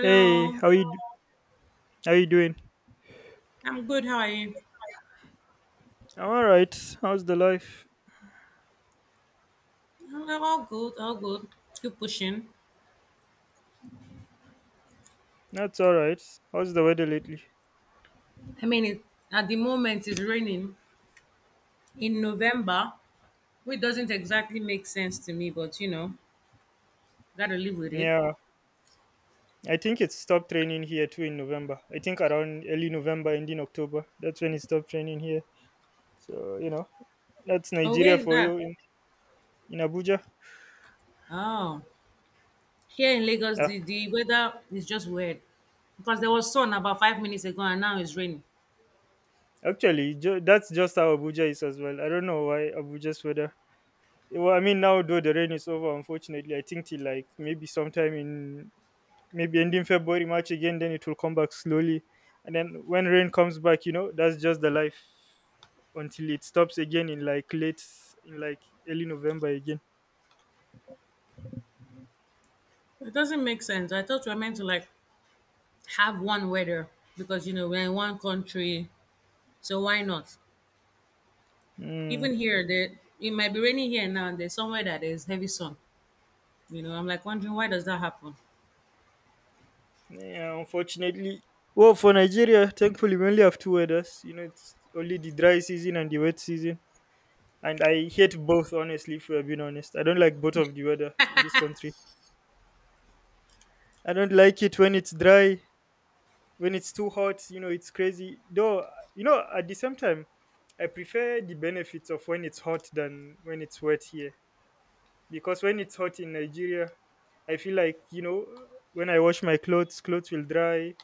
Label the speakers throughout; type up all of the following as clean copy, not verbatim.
Speaker 1: Hey, how you doing?
Speaker 2: I'm good. How are you?
Speaker 1: I'm alright. How's the life?
Speaker 2: Hello, all good, all good. Keep pushing.
Speaker 1: That's alright. How's the weather lately?
Speaker 2: I mean, at the moment it's raining in November, which doesn't exactly make sense to me, but gotta live with it.
Speaker 1: Yeah, I think it stopped raining here too in November. I think around early November, ending October. That's when it stopped raining here. So you know, that's
Speaker 2: Oh,
Speaker 1: Nigeria
Speaker 2: where is
Speaker 1: for
Speaker 2: that?
Speaker 1: you in Abuja.
Speaker 2: Oh, here in Lagos,
Speaker 1: Yeah,
Speaker 2: the weather is just weird because there was sun about 5 minutes ago and now it's raining.
Speaker 1: actually, that's just how Abuja is as well. I don't know why Abuja's weather. Well, I mean now though the rain is over, unfortunately, I think till like maybe sometime in maybe ending February, March again, then it will come back slowly. And then when rain comes back, you know, that's just the life until it stops again in like in like early November again.
Speaker 2: It doesn't make sense. I thought we were meant to like have one weather because you know we're in one country, so why not?
Speaker 1: Mm.
Speaker 2: Even here, there it might be raining here now and there's somewhere that there's heavy sun. You know, I'm like wondering why does that happen?
Speaker 1: Yeah, unfortunately. Well, for Nigeria, thankfully, we only have two weathers. You know, it's only the dry season and the wet season. And I hate both, honestly, if we are being honest. I don't like both of the weather in this country. I don't like it when it's dry, when it's too hot, you know, it's crazy though. You know, at the same time, I prefer the benefits of when it's hot than when it's wet here, because when it's hot in Nigeria, I feel like, you know, when I wash my clothes, will dry.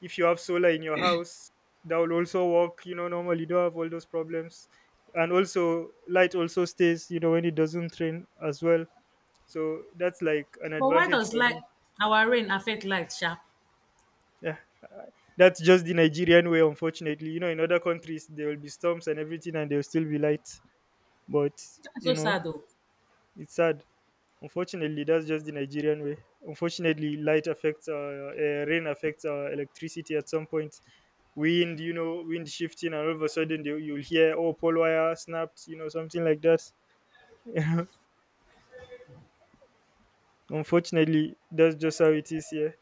Speaker 1: If you have solar in your house, that will also work. You know, normally you don't have all those problems, and also light also stays, you know, when it doesn't rain as well. So that's like an
Speaker 2: But why
Speaker 1: advantage
Speaker 2: does
Speaker 1: for
Speaker 2: light
Speaker 1: me.
Speaker 2: our rain affect light, sha?
Speaker 1: Yeah. That's just the Nigerian way, unfortunately. You know, in other countries, there will be storms and everything, and there will still be light. But,
Speaker 2: That's
Speaker 1: you
Speaker 2: so
Speaker 1: know,
Speaker 2: sad though.
Speaker 1: it's sad. Unfortunately, that's just the Nigerian way. Unfortunately, rain affects electricity at some point. Wind, you know, wind shifting, and all of a sudden, you'll hear, oh, pole wire snapped, you know, something like that. Unfortunately, that's just how it is here.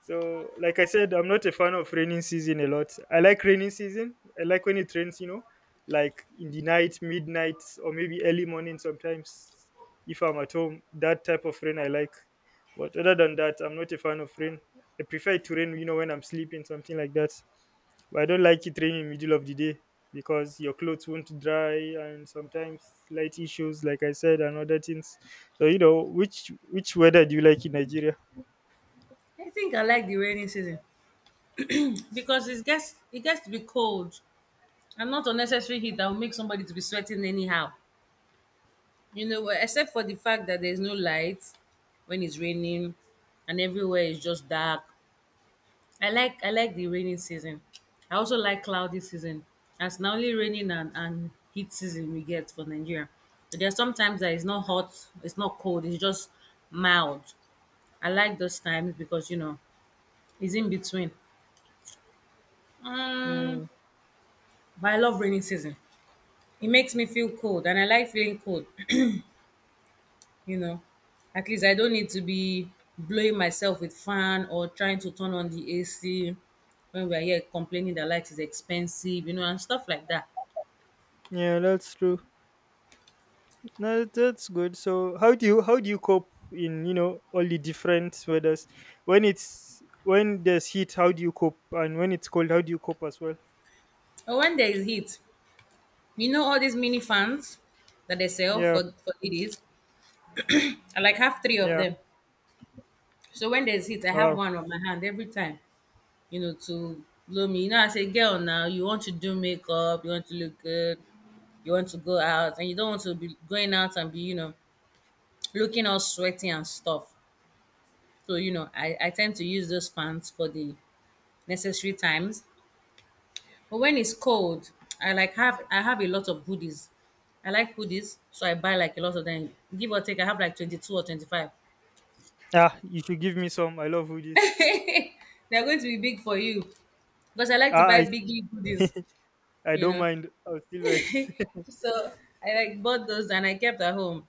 Speaker 1: So, like I said, I'm not a fan of raining season a lot. I like raining season. I like when it rains, you know, like in the night, midnight, or maybe early morning sometimes if I'm at home. That type of rain I like. But other than that, I'm not a fan of rain. I prefer it to rain, you know, when I'm sleeping, something like that. But I don't like it raining in the middle of the day because your clothes won't dry and sometimes light issues, like I said, and other things. So you know, which weather do you like in Nigeria?
Speaker 2: I think I like the rainy season because it gets to be cold and not unnecessary heat that will make somebody to be sweating anyhow. You know, well, except for the fact that there's no light when it's raining and everywhere is just dark. I like the rainy season. I also like cloudy season. As now only raining and heat season we get for Nigeria. So there's sometimes that it's not hot, it's not cold, it's just mild. I like those times because you know it's in between. Um,
Speaker 1: Mm,
Speaker 2: but I love rainy season. It makes me feel cold, and I like feeling cold. you know, at least I don't need to be blowing myself with fan or trying to turn on the AC when we are here complaining that light is expensive, and stuff like that.
Speaker 1: yeah, that's true. No, that's good. So how do you cope in, you know, all the different weathers? When there's heat, how do you cope? And when it's cold, how do you cope as well?
Speaker 2: But when there is heat, you know all these mini fans that they sell
Speaker 1: Yeah,
Speaker 2: for ladies. I like have three of
Speaker 1: yeah.
Speaker 2: them. So when there's heat, I have
Speaker 1: Wow.
Speaker 2: one on my hand every time, to blow me. You know, I say, girl, now you want to do makeup, you want to look good, you want to go out, and you don't want to be going out and be looking all sweaty and stuff. So I tend to use those fans for the necessary times. But when it's cold, I have a lot of hoodies. I like hoodies, so I buy like a lot of them. Give or take, I have like 22 or 25.
Speaker 1: Ah, you should give me some. I love hoodies.
Speaker 2: They're going to be big for you because I like to
Speaker 1: Ah,
Speaker 2: buy biggie hoodies,
Speaker 1: I
Speaker 2: you
Speaker 1: don't
Speaker 2: know.
Speaker 1: mind. I'll still wear it.
Speaker 2: So I like bought those and I kept at home.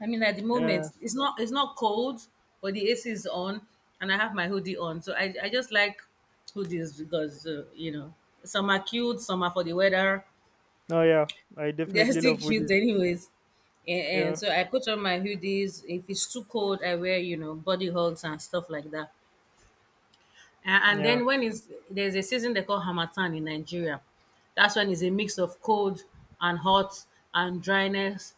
Speaker 2: I mean, at the
Speaker 1: Yeah.
Speaker 2: moment, it's not cold, but the AC is on, and I have my hoodie on. So I just like hoodies because some are cute, some are for the weather.
Speaker 1: No, yeah. I
Speaker 2: They're
Speaker 1: definitely
Speaker 2: still
Speaker 1: love
Speaker 2: cute
Speaker 1: hoodies.
Speaker 2: anyways. And
Speaker 1: Yeah.
Speaker 2: so I put on my hoodies. If it's too cold, I wear body hugs and stuff like that. And
Speaker 1: Yeah.
Speaker 2: then when it's there's a season they call Hamatan in Nigeria. That's when it's a mix of cold and hot and dryness.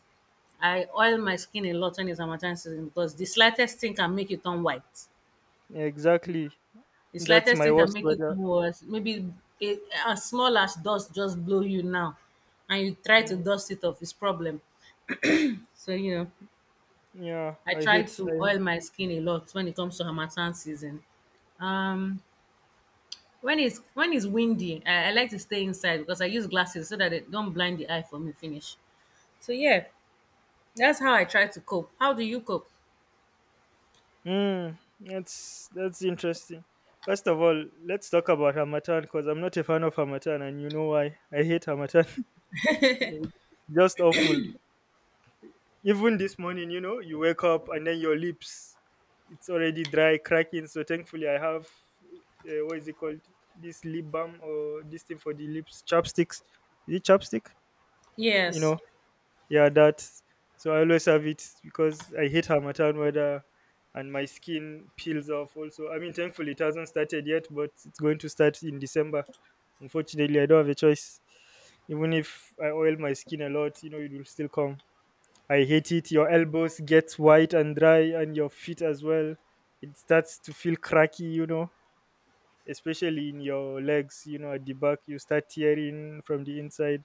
Speaker 2: I oil my skin a lot when it's Hamatan season because the slightest thing can make it turn white.
Speaker 1: Exactly.
Speaker 2: The
Speaker 1: That's
Speaker 2: slightest
Speaker 1: my
Speaker 2: thing can
Speaker 1: worst
Speaker 2: make it
Speaker 1: weather.
Speaker 2: turn worse. Maybe a, as small as dust just blow you now, and you try to
Speaker 1: Mm.
Speaker 2: dust it off. It's problem. So
Speaker 1: Yeah,
Speaker 2: I
Speaker 1: I
Speaker 2: try
Speaker 1: hate
Speaker 2: to
Speaker 1: I
Speaker 2: oil my skin a lot when it comes to harmattan season. Um, when it's windy, I like to stay inside because I use glasses so that it don't blind the eye for me finish. So yeah, that's how I try to cope. How do you cope?
Speaker 1: Hmm, that's interesting. First of all, let's talk about Hamatan because I'm not a fan of Hamatan, and you know why. I hate Hamatan. It's Just awful. Even this morning, you know, you wake up and then your lips, it's already dry, cracking. So thankfully, I have what is it called? This lip balm or this thing for the lips, chapsticks. Is it chapstick? You
Speaker 2: Yes.
Speaker 1: know, yeah, that. So I always have it because I hate Hamatan weather, and my skin peels off also. I mean, thankfully, it hasn't started yet, but it's going to start in December. Unfortunately, I don't have a choice. Even if I oil my skin a lot, you know, it will still come. I hate it. Your elbows get white and dry, and your feet as well. It starts to feel cracky, you know, especially in your legs, you know, at the back. You start tearing from the inside.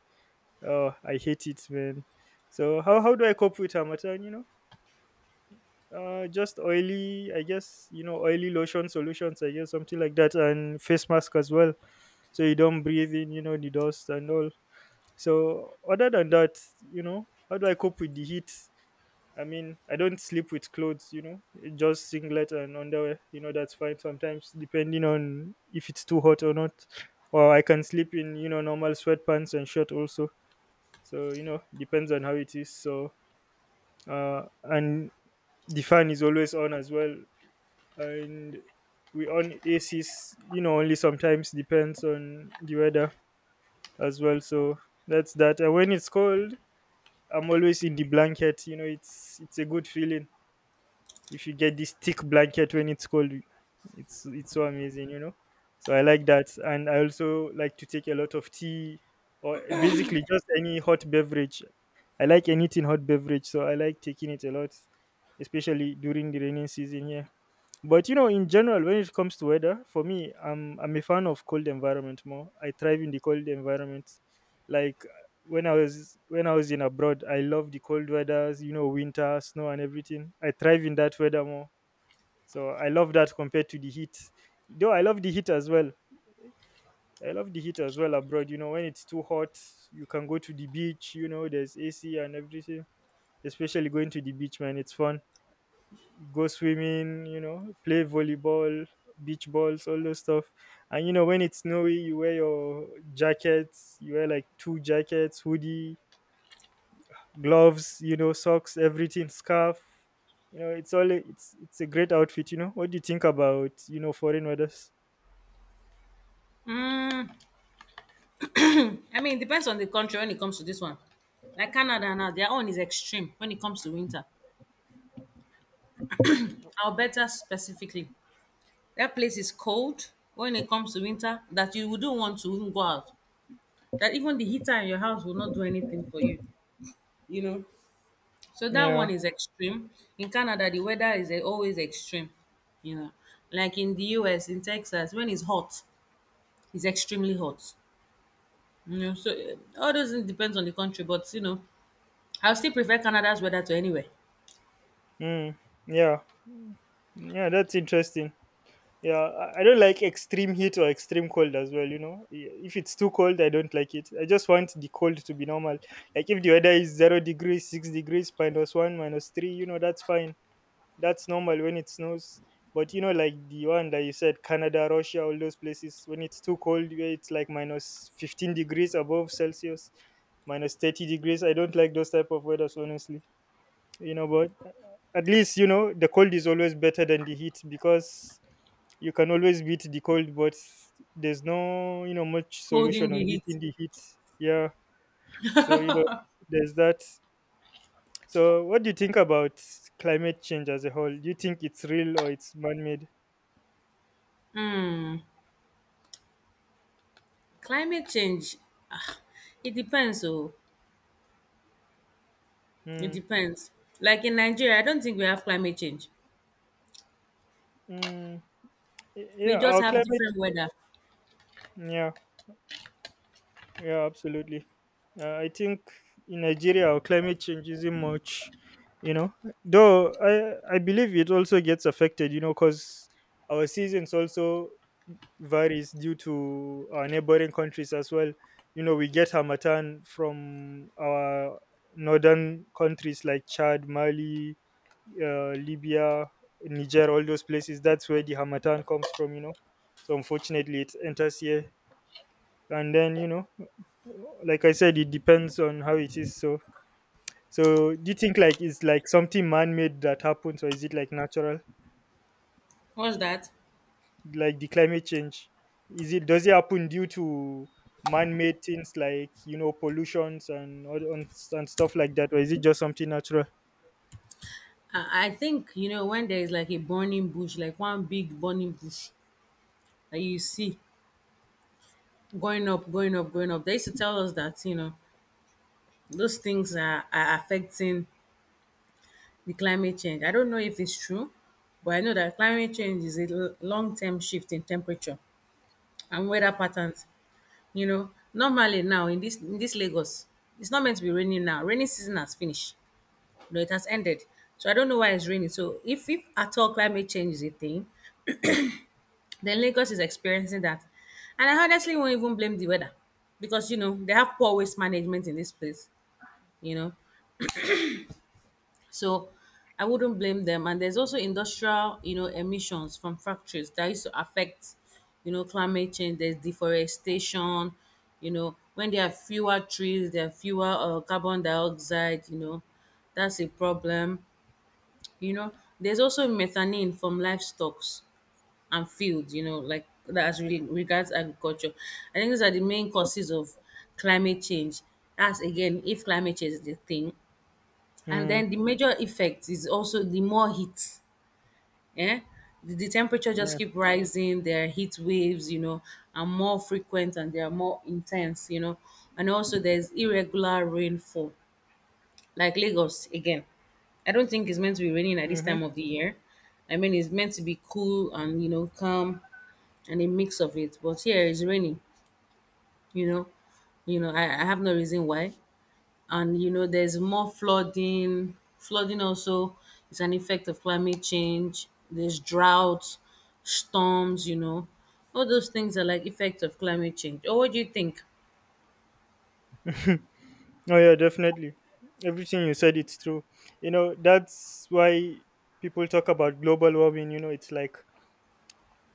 Speaker 1: Oh, I hate it, man. So how do I cope with Harmattan? You know, just oily. I guess, you know, oily lotion solutions. I guess something like that, and face mask as well, so you don't breathe in. You know, the dust and all. So other than that, you know, how do I cope with the heat? I mean, I don't sleep with clothes. You know, just singlet and underwear. You know, that's fine sometimes, depending on if it's too hot or not. Or I can sleep in, you know, normal sweatpants and shirt also. So you know, depends on how it is. So and the fan is always on as well, and we on ACs. You know, only sometimes depends on the weather as well. So that's that. And when it's cold, I'm always in the blanket. You know, it's a good feeling. If you get this thick blanket when it's cold, it's so amazing, you know. So I like that, and I also like to take a lot of tea or basically just any hot beverage. I like anything hot beverage, so I like taking it a lot, especially during the raining season here. But you know, in general, when it comes to weather, for me, I'm a fan of cold environment more. I thrive in the cold environment. Like when I was in abroad, I love the cold weathers. You know, winter, snow, and everything. I thrive in that weather more. So I love that compared to the heat. Though I love the heat as well. I love the heat as well abroad. You know, when it's too hot, you can go to the beach. You know, there's AC and everything. Especially going to the beach, man, it's fun, go swimming, you know, play volleyball, beach balls, all those stuff. And you know, when it's snowy, you wear your jackets, you wear like two jackets, hoodie, gloves, you know, socks, everything, scarf. You know, it's all it's a great outfit, you know. What do you think about, you know, foreign weathers?
Speaker 2: Mm, I mean, it depends on the country when it comes to this one. Like Canada now, their own is extreme when it comes to winter. Alberta specifically, that place is cold when it comes to winter that you wouldn't want to even go out. That even the heater in your house will not do anything for you. You know. So that one
Speaker 1: Yeah.
Speaker 2: is extreme. In Canada, the weather is always extreme. You know, like in the US, in Texas, when it's hot, it's extremely hot. You know, so all those things depends on the country, but I would still prefer Canada's weather to anywhere.
Speaker 1: Mm, yeah. Yeah, that's interesting. Yeah, I don't like extreme heat or extreme cold as well. You know, if it's too cold, I don't like it. I just want the cold to be normal. Like if the weather is 0 degrees, 6 degrees, minus one, minus three, you know, that's fine. That's normal when it snows. But you know, like the one that you said, Canada, Russia, all those places, when it's too cold, where it's like minus 15 degrees above Celsius, minus 30 degrees. I don't like those type of weathers, honestly. You know, but at least you know the cold is always better than the heat, because you can always beat the cold, but there's no, you know, much
Speaker 2: Cold in
Speaker 1: solution
Speaker 2: the
Speaker 1: on
Speaker 2: heat.
Speaker 1: beating the heat. Yeah. So you know, there's that. So what do you think about climate change as a whole? Do you think it's real or it's man-made?
Speaker 2: Climate change, ah, it depends. Oh, it
Speaker 1: Mm,
Speaker 2: depends. Like in Nigeria, I don't think we have climate change.
Speaker 1: mm, yeah,
Speaker 2: We just
Speaker 1: our
Speaker 2: have
Speaker 1: climate.
Speaker 2: different weather.
Speaker 1: Yeah. Yeah, absolutely. I think in Nigeria, our climate change isn't much, you know. Though I believe it also gets affected, you know, because our seasons also varies due to our neighboring countries as well. You know, we get Hamatan from our northern countries like Chad, Mali, Libya, Niger, all those places. That's where the Hamatan comes from, you know. So unfortunately, it enters here. And then, you know, like I said, it depends on how it is. So, so do you think like it's like something man-made that happens, or is it like natural,
Speaker 2: What's that?
Speaker 1: like the climate change? Is it, does it happen due to man-made things like, you know, pollutions and stuff like that, or is it just something natural?
Speaker 2: I think you know when there is like a burning bush, like one big burning bush, that you see going up, going up, going up. They used to tell us that, those things are affecting the climate change. I don't know if it's true, but I know that climate change is a long term shift in temperature and weather patterns. You know, normally now in this Lagos, it's not meant to be raining now. Rainy season has finished. You know, it has ended. So I don't know why it's raining. So if at all climate change is a thing, then Lagos is experiencing that. And I honestly won't even blame the weather because, they have poor waste management in this place, you know. So I wouldn't blame them. And there's also industrial, emissions from factories that used to affect, climate change. There's deforestation, when there are fewer trees, there are fewer carbon dioxide, that's a problem, you know. There's also methane from livestock and fields, like that's really regards agriculture. I think these are the main causes of climate change. That's again if climate change is the thing. And
Speaker 1: Mm,
Speaker 2: then the major effect is also the more heat. Yeah? The temperature just
Speaker 1: yeah.
Speaker 2: keep rising, there are heat waves, are more frequent and they are more intense. And also there's irregular rainfall. Like Lagos again. I don't think it's meant to be raining at this time
Speaker 1: Mm-hmm.
Speaker 2: of the year. I mean, it's meant to be cool and calm, and a mix of it. But here it's raining, you know. You know, I have no reason why. And you know, there's more flooding. Flooding also is an effect of climate change. There's droughts, storms. All those things are like effects of climate change. Or what do you think?
Speaker 1: Oh yeah, definitely. Everything you said, it's true. You know, that's why people talk about global warming. You know, it's like,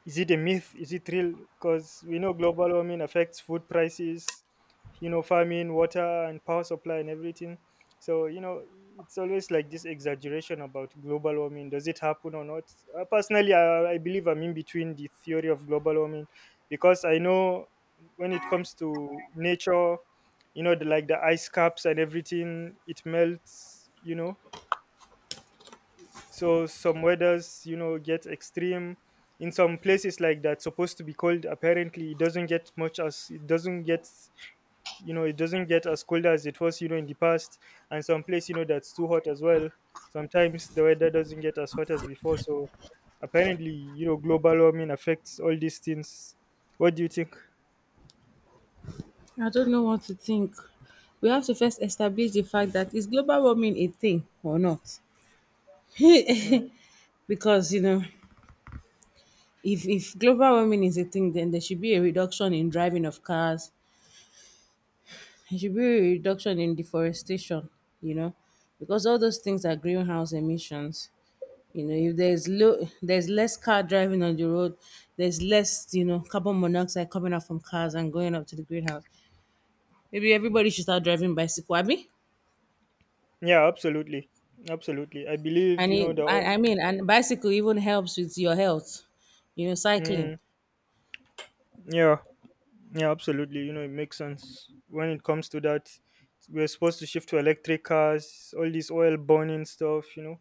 Speaker 1: is it a myth? Is it real? Because we know global warming affects food prices, you know, farming, water, and power supply, and everything. So, you know, it's always like this exaggeration about global warming. Does it happen or not? Personally, I believe I'm in between the theory of global warming because I know when it comes to nature, you know, like the ice caps and everything, it melts, you know. So some weathers, you know, get extreme in some places like that supposed to be cold. Apparently, it doesn't get much as it doesn't get, as cold as it was, you know, in the past. And some place, you know, that's too hot as well, sometimes the weather doesn't get as hot as before. So apparently, you know, global warming affects all these things. What do you think?
Speaker 2: I don't know what to think. We have to first establish the fact that is global warming a thing or not?
Speaker 1: Mm.
Speaker 2: Because if global warming is a thing, then there should be a reduction in driving of cars. It should be a reduction in deforestation, you know, because all those things are greenhouse emissions. You know, if there's less car driving on the road, there's less, carbon monoxide coming out from cars and going up to the greenhouse. Maybe everybody should start driving bicycle, abi?
Speaker 1: Yeah, absolutely. Absolutely, I believe,
Speaker 2: And
Speaker 1: you
Speaker 2: it,
Speaker 1: know, the...
Speaker 2: I, I mean, and bicycle even helps with your health. You know, cycling.
Speaker 1: Mm. Yeah. Yeah, absolutely. You know, it makes sense when it comes to that. We're supposed to shift to electric cars, all this oil burning stuff. You know,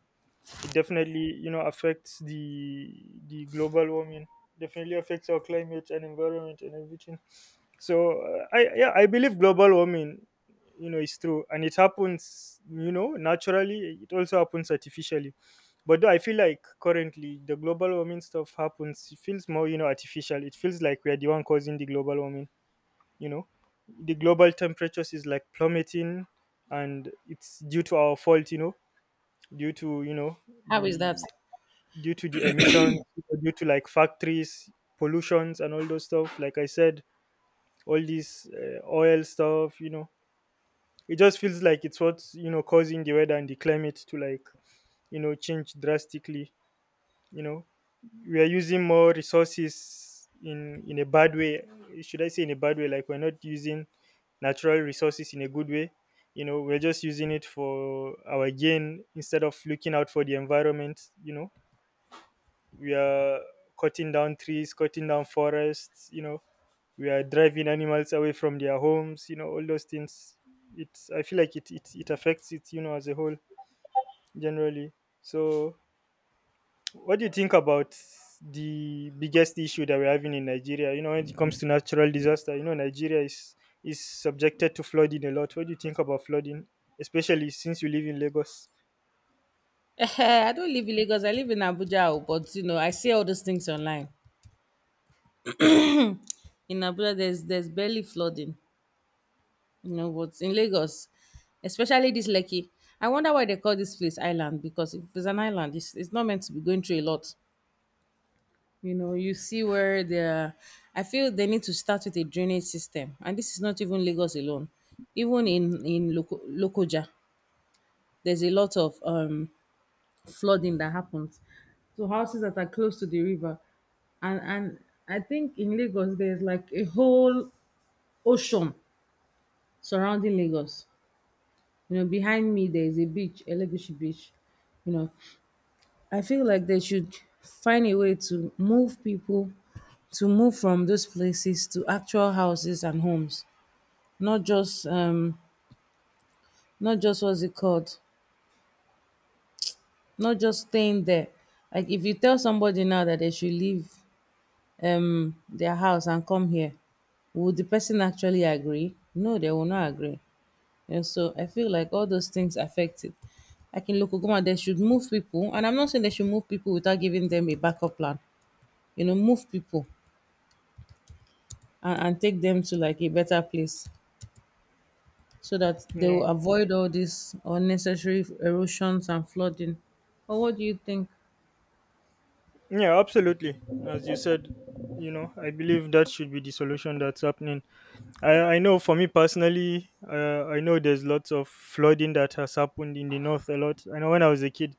Speaker 1: it definitely affects the global warming. Definitely affects our climate and environment and everything. So I believe global warming, you know, is true and it happens. You know, naturally. It also happens artificially. But though I feel like currently the global warming stuff happens. It feels more artificial. It feels like we are the one causing the global warming. you know the global temperatures is like plummeting, and it's due to our fault, due to, you know
Speaker 2: How is
Speaker 1: the
Speaker 2: that?
Speaker 1: due to the emissions, due to like factories, pollutions, and all those stuff like I said, all this oil stuff. You know, it just feels like it's what's causing the weather and the climate to, like, change drastically. You know, we are using more resources in a bad way. Should I say in a bad way, like we're not using natural resources in a good way. You know, we're just using it for our gain instead of looking out for the environment. You know, we are cutting down trees, cutting down forests. You know, we are driving animals away from their homes, you know, all those things. It's, I feel like it affects it, you know, as a whole, generally. So what do you think about the biggest issue that we're having in Nigeria? You know, when it comes to natural disaster, you know, Nigeria is subjected to flooding a lot. What do you think about flooding, especially since you live in Lagos?
Speaker 2: I don't live in Lagos. I live in Abuja, oh, but I see all those things online. In Abuja, there's barely flooding. You know, but in Lagos, especially this Lekki, I wonder why they call this place island because if it's an island, it's not meant to be going through a lot. You know, you see where the I feel they need to start with a drainage system, and this is not even Lagos alone. Even in Lokoja, there's a lot of flooding that happens. So houses that are close to the river, and I think in Lagos there's like a whole ocean surrounding Lagos. You know, behind me there is a beach, Elegushi Beach. You know, I feel like they should find a way to move people to move from those places to actual houses and homes, not just not just what's it called, not just staying there. Like if you tell somebody now that they should leave their house and come here, would the person actually agree? No, they will not agree. And so I feel like all those things affect it. Like in Lokogoma, they should move people. And I'm not saying they should move people without giving them a backup plan. You know, move people and take them to like a better place so that they
Speaker 1: Yeah,
Speaker 2: will avoid all these unnecessary erosions and flooding. Or what do you think?
Speaker 1: yeah, absolutely. As you said, you know, I believe that should be the solution that's happening. I know for me personally, I know there's lots of flooding that has happened in the north a lot. I know when I was a kid,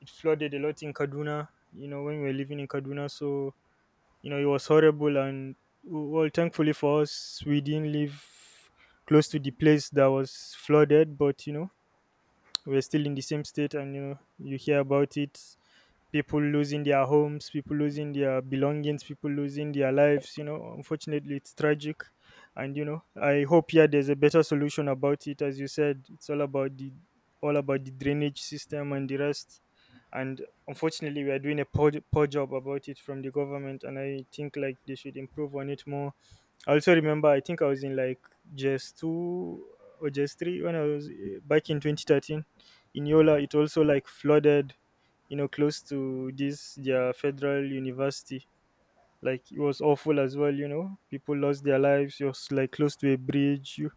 Speaker 1: it flooded a lot in Kaduna. You know, when we were living in Kaduna, so. You know, it was horrible, and well, thankfully for us, we didn't live close to the place that was flooded. But you know, we're still in the same state, and you know, you hear about it, people losing their homes, people losing their belongings, people losing their lives. You know, unfortunately, it's tragic. And you know, I hope, yeah, there's a better solution about it. As you said, it's all about the drainage system and the rest. And unfortunately, we are doing a poor, poor job about it from the government. And I think like they should improve on it more. I also remember, I think I was in like just 2 or just 3 when I was back in 2013 in Yola. It also like flooded, you know, close to this, their federal university. Like it was awful as well, you know. People lost their lives. It was like close to a bridge. You,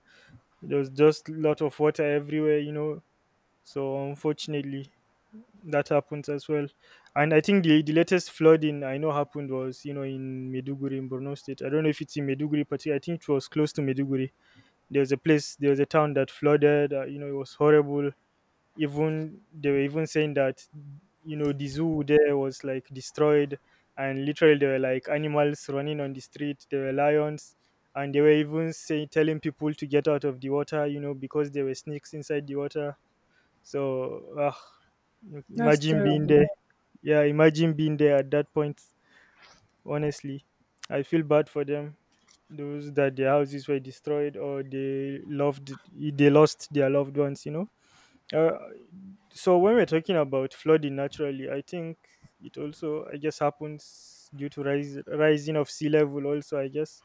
Speaker 1: there was just lot of water everywhere, you know. So unfortunately, that happens as well. And I think the latest flooding I know happened was, you know, in Meduguri in Borno State. I don't know if it's in Meduguri, but yeah, I think it was close to Meduguri. There was a place, there was a town that flooded. You know, it was horrible. Even they were even saying that, you know, the zoo there was like destroyed, and literally there were like animals running on the street. There were lions, and they were even saying telling people to get out of the water, you know, because there were snakes inside the water. So,
Speaker 2: That's
Speaker 1: imagine being there.
Speaker 2: terrible.
Speaker 1: Yeah, imagine being there at that point. Honestly, I feel bad for them. Those that their houses were destroyed, or they loved, they lost their loved ones. You know. Uh, so when we're talking about flooding naturally, I think it also, I guess, happens due to rising of sea level. Also, I guess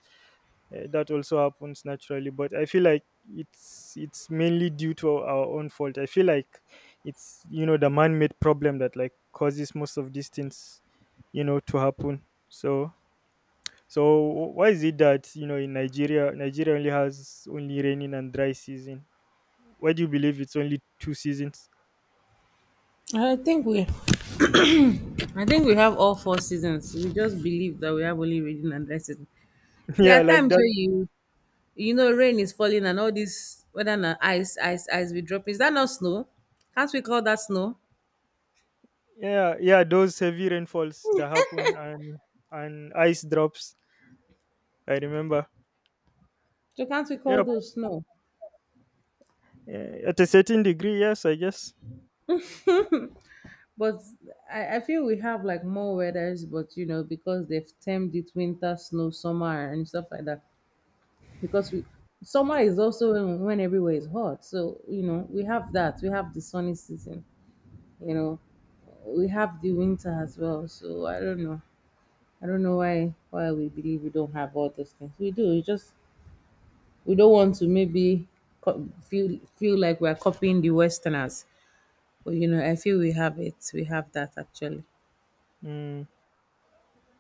Speaker 1: that also happens naturally. But I feel like it's mainly due to our own fault. I feel like it's, you know, the man-made problem that like causes most of these things, you know, to happen. So why is it that you know in Nigeria only has only raining and dry season? Why do you believe it's only two seasons?
Speaker 2: I think we I think we have all four seasons. We just believe that we have only reading and writing. There
Speaker 1: Yeah,
Speaker 2: are
Speaker 1: like
Speaker 2: times
Speaker 1: that.
Speaker 2: where you know, rain is falling and all this whether na ice, ice, ice be dropping. Is that not snow? Can't we call that snow?
Speaker 1: Yeah, yeah, those heavy rainfalls that happen and ice drops. I remember.
Speaker 2: So can't we call
Speaker 1: Yep.
Speaker 2: those snow?
Speaker 1: At a certain degree, yes, I guess.
Speaker 2: But I feel we have like more weathers, but you know, because they've termed it winter, snow, summer, and stuff like that. Because we Summer is also when, everywhere is hot. So, you know, we have that. We have the sunny season, you know. We have the winter as well. So I don't know. I don't know why we believe we don't have all those things. We do. It's just we don't want to maybe feel like we're copying the westerners, but you know, I feel we have it. We have that actually.
Speaker 1: Mm.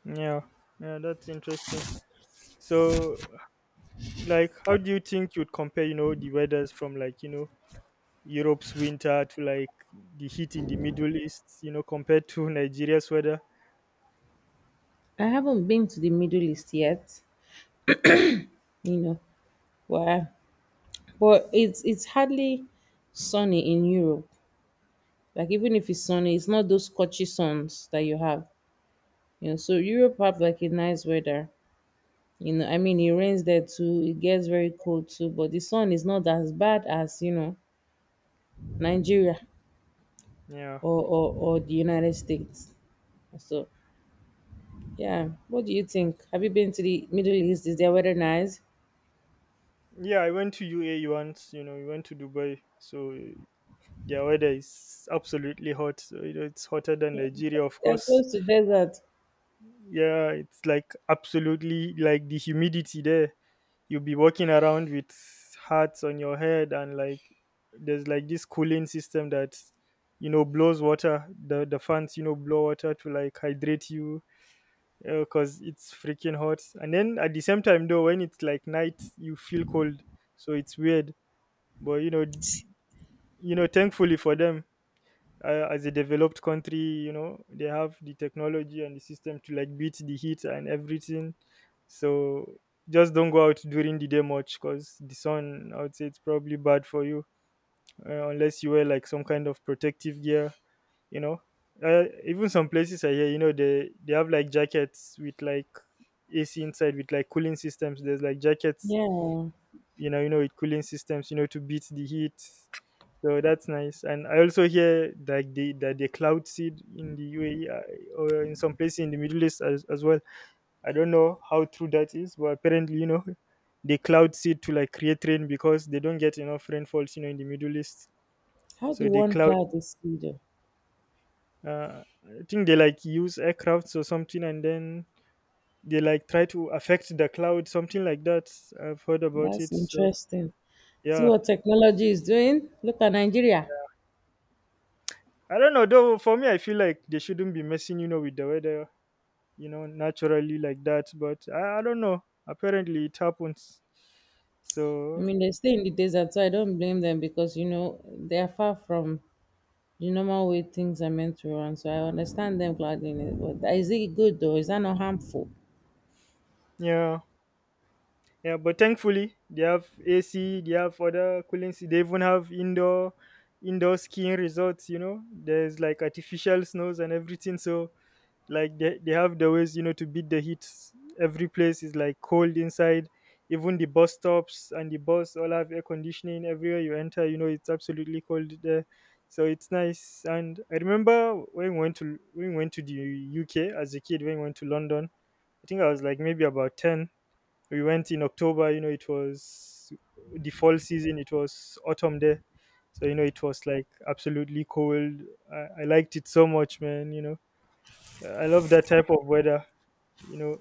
Speaker 1: Yeah. Yeah, that's interesting. So, like, how do you think you'd compare, you know, the weathers from, like, you know, Europe's winter to like the heat in the Middle East, you know, compared to Nigeria's weather?
Speaker 2: I haven't been to the Middle East yet, you know, where. But it's hardly sunny in Europe. Like even if it's sunny, it's not those scorchy suns that you have, you know. So Europe have like a nice weather, you know. I mean, it rains there too, it gets very cold too, but the sun is not as bad as, you know, Nigeria,
Speaker 1: Yeah.
Speaker 2: or or the United States. So yeah. What do you think? Have you been to the Middle East? Is their weather nice?
Speaker 1: Yeah, I went to UAE once. You know, we went to Dubai. So, yeah, weather is absolutely hot. So, you know, it's hotter than Nigeria, of
Speaker 2: They're
Speaker 1: course.
Speaker 2: close to desert.
Speaker 1: Yeah, it's like absolutely like the humidity there. You'll be walking around with hats on your head, and like there's like this cooling system that, you know, blows water. The fans, you know, blow water to like hydrate you because it's freaking hot. And then at the same time though, when it's like night, you feel cold, so it's weird. But you know, thankfully for them, as a developed country, you know, they have the technology and the system to like beat the heat and everything. So just don't go out during the day much because the sun, I would say, it's probably bad for you, unless you wear like some kind of protective gear, you know. Even some places, I hear, you know, they have like jackets with like AC inside with like cooling systems. There's like jackets,
Speaker 2: Yeah.
Speaker 1: you know, you know, with cooling systems, you know, to beat the heat. So that's nice. And I also hear like the that the cloud seed in the UAE are- or in some places in the Middle East as well. I don't know how true that is, but apparently, you know, they cloud seed to like create rain because they don't get enough rainfalls, you know, in the Middle East.
Speaker 2: How do
Speaker 1: So they
Speaker 2: one
Speaker 1: cloud,
Speaker 2: cloud exceed, though?
Speaker 1: I think they like use aircrafts or something and then they like try to affect the cloud, something like that. I've heard about
Speaker 2: That's
Speaker 1: it. So
Speaker 2: interesting. See
Speaker 1: yeah,
Speaker 2: what technology is doing? Look at Nigeria.
Speaker 1: I don't know though. For me, I feel like they shouldn't be messing, you know, with the weather, you know, naturally like that. But I don't know. Apparently, it happens.
Speaker 2: I
Speaker 1: So
Speaker 2: mean, they stay in the desert, so I don't blame them because, you know, they are far from the normal way things are meant to run. So I understand them clouding it. But is it good though? Is that not harmful?
Speaker 1: yeah, yeah. But thankfully, they have AC. They have other cooling. They even have indoor skiing resorts. You know, there's like artificial snows and everything. So like they have the ways, you know, to beat the heat. Every place is like cold inside. Even the bus stops and the bus all have air conditioning, everywhere you enter, you know, it's absolutely cold there. So it's nice. And I remember when we went to the UK as a kid, when we went to London, I think I was like maybe about 10. We went in October, you know. It was the fall season. It was autumn there. So you know, it was like absolutely cold. I liked it so much, man. You know, I love that type of weather. You know,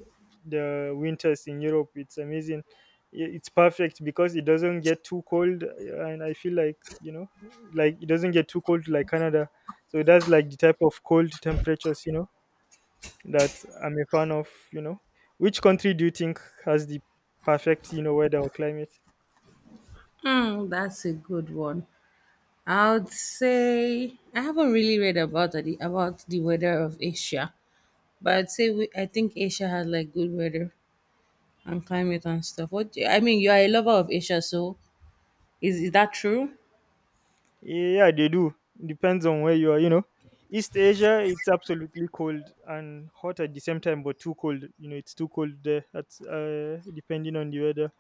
Speaker 1: the winters in Europe, it's amazing. It's perfect because it doesn't get too cold, and I feel like, you know, like it doesn't get too cold like Canada. So that's like the type of cold temperatures, you know, that I'm a fan of. You know, which country do you think has the perfect, you know, weather or climate?
Speaker 2: Hmm, that's a good one. I would say I haven't really read about the weather of Asia, but I'd say I think Asia has like good weather and climate and stuff. What do- I mean, you are a lover of Asia, so is that true?
Speaker 1: Yeah, they do. Depends on where you are, you know. East Asia, it's absolutely cold and hot at the same time, but too cold. You know, it's too cold there. That's depending on the weather.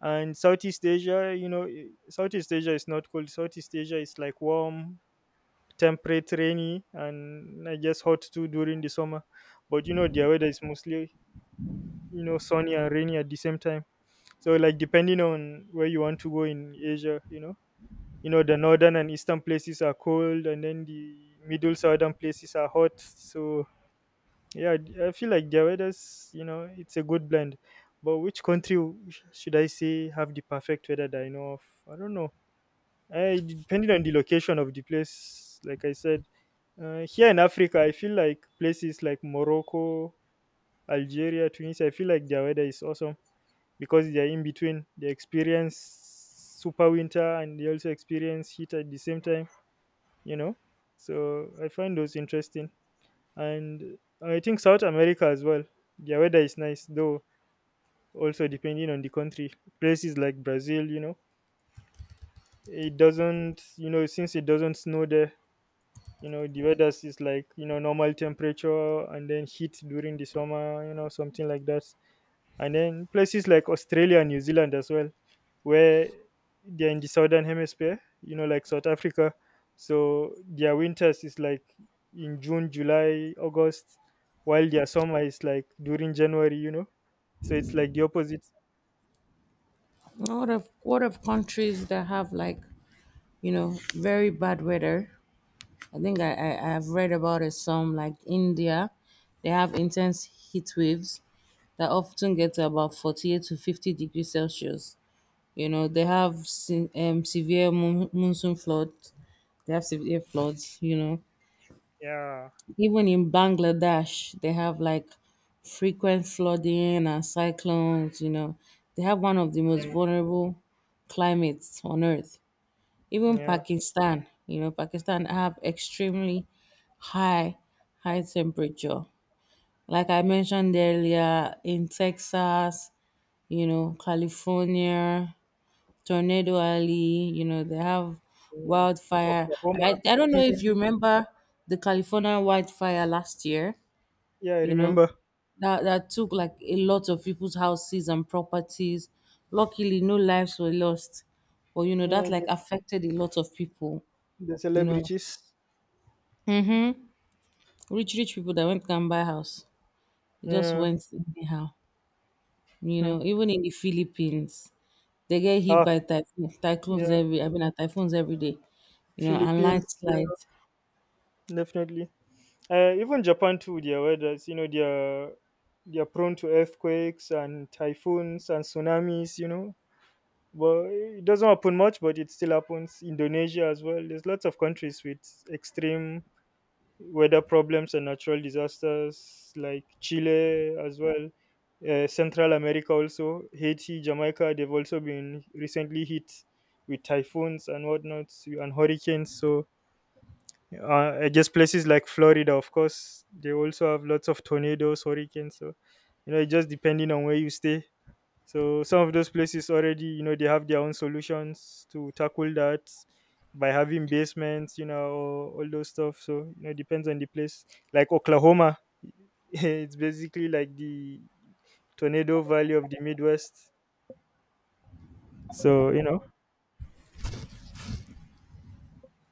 Speaker 1: And Southeast Asia, you know, Southeast Asia is not cold. Southeast Asia is like warm, temperate, rainy, and I guess hot too during the summer. But you know, their weather is mostly, you know, sunny and rainy at the same time. So, like, depending on where you want to go in Asia, the northern and eastern places are cold, and then the middle southern places are hot. So, yeah, I feel like their weathers, it's a good blend. But which country should I say have the perfect weather that I know of? I don't know. Depending on the location of the place, like I said, here in Africa, I feel like places like Morocco, Algeria, Tunisia, I feel like their weather is awesome because they are in between. They experience super winter and they also experience heat at the same time, you know. So I find those interesting. And I think South America as well, their weather is nice though, also depending on the country. Places like Brazil, you know, it doesn't, since it doesn't snow there, you know, the weather is like, normal temperature, and then heat during the summer, you know, something like that. And then places like Australia and New Zealand as well, where they're in the southern hemisphere, you know, like South Africa. So their winters is like in June, July, August, while their summer is like during January, you know. So it's like the opposite.
Speaker 2: What of countries that have like, you know, very bad weather? I think I've read about it. Some like India, they have intense heat waves that often get to about 48 to 50 degrees Celsius. You know, they have severe monsoon floods. They have severe floods, you know.
Speaker 1: Yeah,
Speaker 2: Even in Bangladesh, they have like frequent flooding and cyclones, you know. They have one of the most
Speaker 1: yeah,
Speaker 2: vulnerable climates on earth. Even
Speaker 1: yeah.
Speaker 2: Pakistan, you know, Pakistan have extremely high high temperature. Like I mentioned earlier, in Texas, you know, California, Tornado Alley, you know, they have
Speaker 1: Yeah.
Speaker 2: wildfire.
Speaker 1: Oklahoma.
Speaker 2: I don't know if you remember the California wildfire last year,
Speaker 1: Yeah, I
Speaker 2: you know,
Speaker 1: remember.
Speaker 2: that took like a lot of people's houses and properties. Luckily, no lives were lost. But, you know, that
Speaker 1: Yeah,
Speaker 2: like
Speaker 1: the
Speaker 2: affected a lot of people, you know,
Speaker 1: celebrities.
Speaker 2: rich people that went can buy house. They just
Speaker 1: Yeah.
Speaker 2: went anyhow, you
Speaker 1: Hmm.
Speaker 2: know, even in the Philippines. They get hit
Speaker 1: Ah,
Speaker 2: by typhoons
Speaker 1: yeah.
Speaker 2: every, I mean, typhoons every day, you know, and
Speaker 1: Philippines. Yeah,
Speaker 2: landslides.
Speaker 1: definitely. Even Japan too, their weathers, you know, they're prone to earthquakes and typhoons and tsunamis. You know, but it doesn't happen much, but it still happens. Indonesia as well. There's lots of countries with extreme weather problems and natural disasters, like Chile as well. Central America also, Haiti, Jamaica, they've also been recently hit with typhoons and whatnot and hurricanes. So just places like Florida, of course, they also have lots of tornadoes, hurricanes. So, you know, it just depending on where you stay. So, some of those places already, you know, they have their own solutions to tackle that by having basements, you know, all those stuff. So, you know, it depends on the place. Like Oklahoma, it's basically like the tornado valley of the Midwest. So, you know,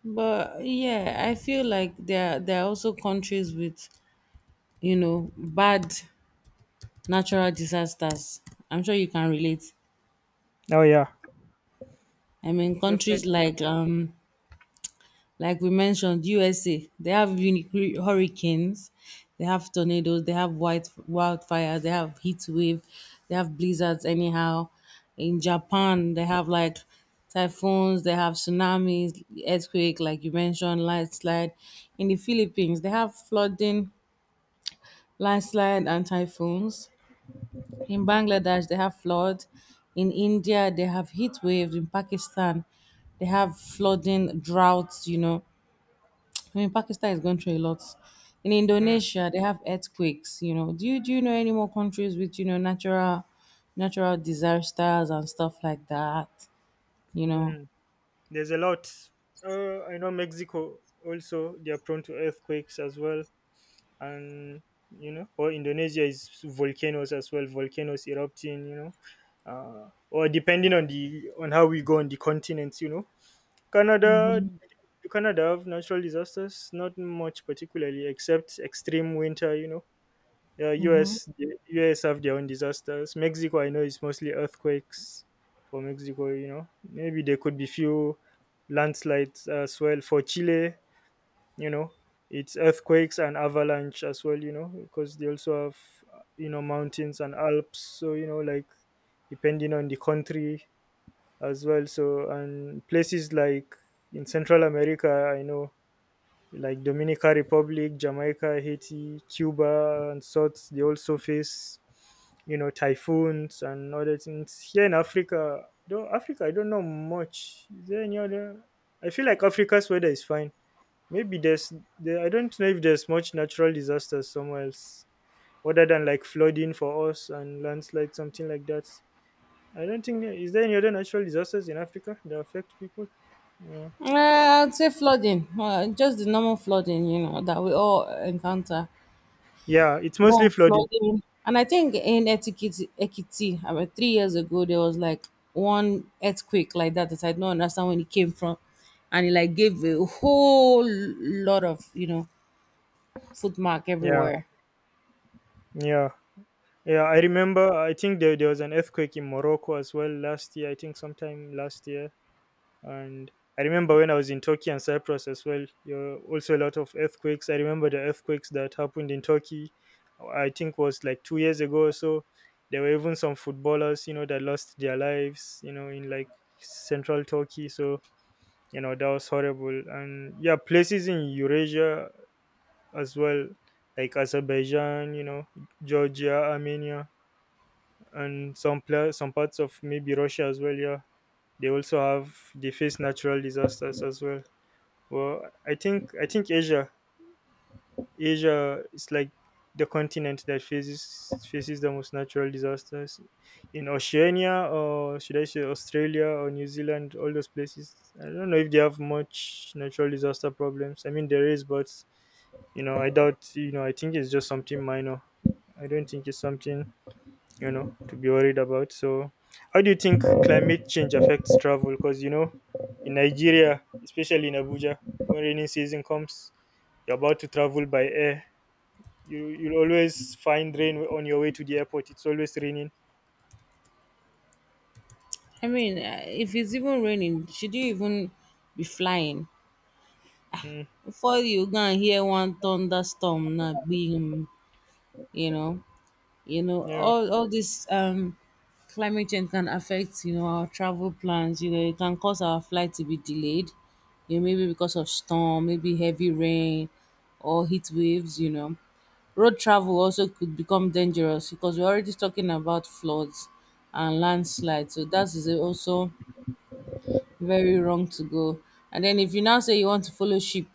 Speaker 2: But yeah, I feel like there are also countries with, you know, bad natural disasters. I'm sure you can relate.
Speaker 1: oh yeah,
Speaker 2: I mean, countries
Speaker 1: definitely.
Speaker 2: like we mentioned, USA, they have unique hurricanes, they have tornadoes, they have white wildfires, they have heat wave, they have blizzards. Anyhow, in Japan, they have like typhoons, they have tsunamis, earthquake, like you mentioned, landslide. In the Philippines, they have flooding, landslide and typhoons. In Bangladesh, they have flood. In India, they have heat waves. In Pakistan, they have flooding, droughts. You know, I mean, Pakistan is going through a lot. In
Speaker 1: Mm,
Speaker 2: Indonesia, they have earthquakes. You know, do you know any more countries with, you know, natural disasters and stuff like that? You know.
Speaker 1: mm. There's a lot. I know Mexico, also they are prone to earthquakes as well, and you know, or Indonesia is volcanoes as well, volcanoes erupting. You know, or depending on the on how we go on the continents. You know, Canada.
Speaker 2: Hmm.
Speaker 1: Do Canada have natural disasters? Not much particularly, except extreme winter. You know, yeah, US
Speaker 2: Hmm.
Speaker 1: the US have their own disasters. Mexico, I know, is mostly earthquakes for Mexico. You know, maybe there could be few landslides as well for Chile. You know, it's earthquakes and avalanche as well. You know, because they also have, you know, mountains and Alps. So you know, like depending on the country as well. So and places like in Central America, I know, like Dominican Republic, Jamaica, Haiti, Cuba, and sorts. They also face, you know, typhoons and other things. Here in Africa, though Africa, I don't know much. Is there any other? I feel like Africa's weather is fine. Maybe I don't know if there's much natural disasters somewhere else, other than like flooding for us and landslide, something like that. I don't think there- Is there any other natural disasters in Africa that affect people? Yeah,
Speaker 2: I'd say flooding, just the normal flooding, you know, that we all encounter.
Speaker 1: yeah, it's
Speaker 2: More
Speaker 1: mostly
Speaker 2: on
Speaker 1: flooding.
Speaker 2: flooding. And I think in Ekiti, about 3 years ago, there was like one earthquake like that that I don't understand when it came from, and it like gave a whole lot of, you know, footmark
Speaker 1: Yeah,
Speaker 2: everywhere.
Speaker 1: yeah. Yeah, I remember. I think there was an earthquake in Morocco as well last year. I think sometime last year, and I remember when I was in Turkey and Cyprus as well. There were also a lot of earthquakes. I remember the earthquakes that happened in Turkey. I think was like 2 years ago or so. There were even some footballers, you know, that lost their lives, you know, in like central Turkey. So you know that was horrible. And yeah, places in Eurasia as well, like Azerbaijan, you know, Georgia, Armenia, and some parts of maybe Russia as well. Yeah, they also have they face natural disasters as well. Well, I think Asia is like the continent that faces the most natural disasters in Oceania, or should I say Australia or New Zealand, all those places. I don't know if they have much natural disaster problems. I mean there is, but you know I doubt. You know, I think it's just something minor. I don't think it's something, you know, to be worried about. So how do you think climate change affects travel? Because you know, in Nigeria, especially in Abuja, when rainy season comes, you're about to travel by air, you'll always find rain on your way to the airport. It's always raining.
Speaker 2: I mean, if it's even raining, should you even be flying?
Speaker 1: Mm,
Speaker 2: Before you go and hear one thunderstorm, not being, you know. You know,
Speaker 1: yeah,
Speaker 2: all this climate change can affect, you know, our travel plans. You know, it can cause our flight to be delayed, you know, maybe because of storm, maybe heavy rain, or heat waves, you know. Road travel also could become dangerous because we're already talking about floods and landslides, so that is also very wrong to go. And then if you now say you want to follow ship,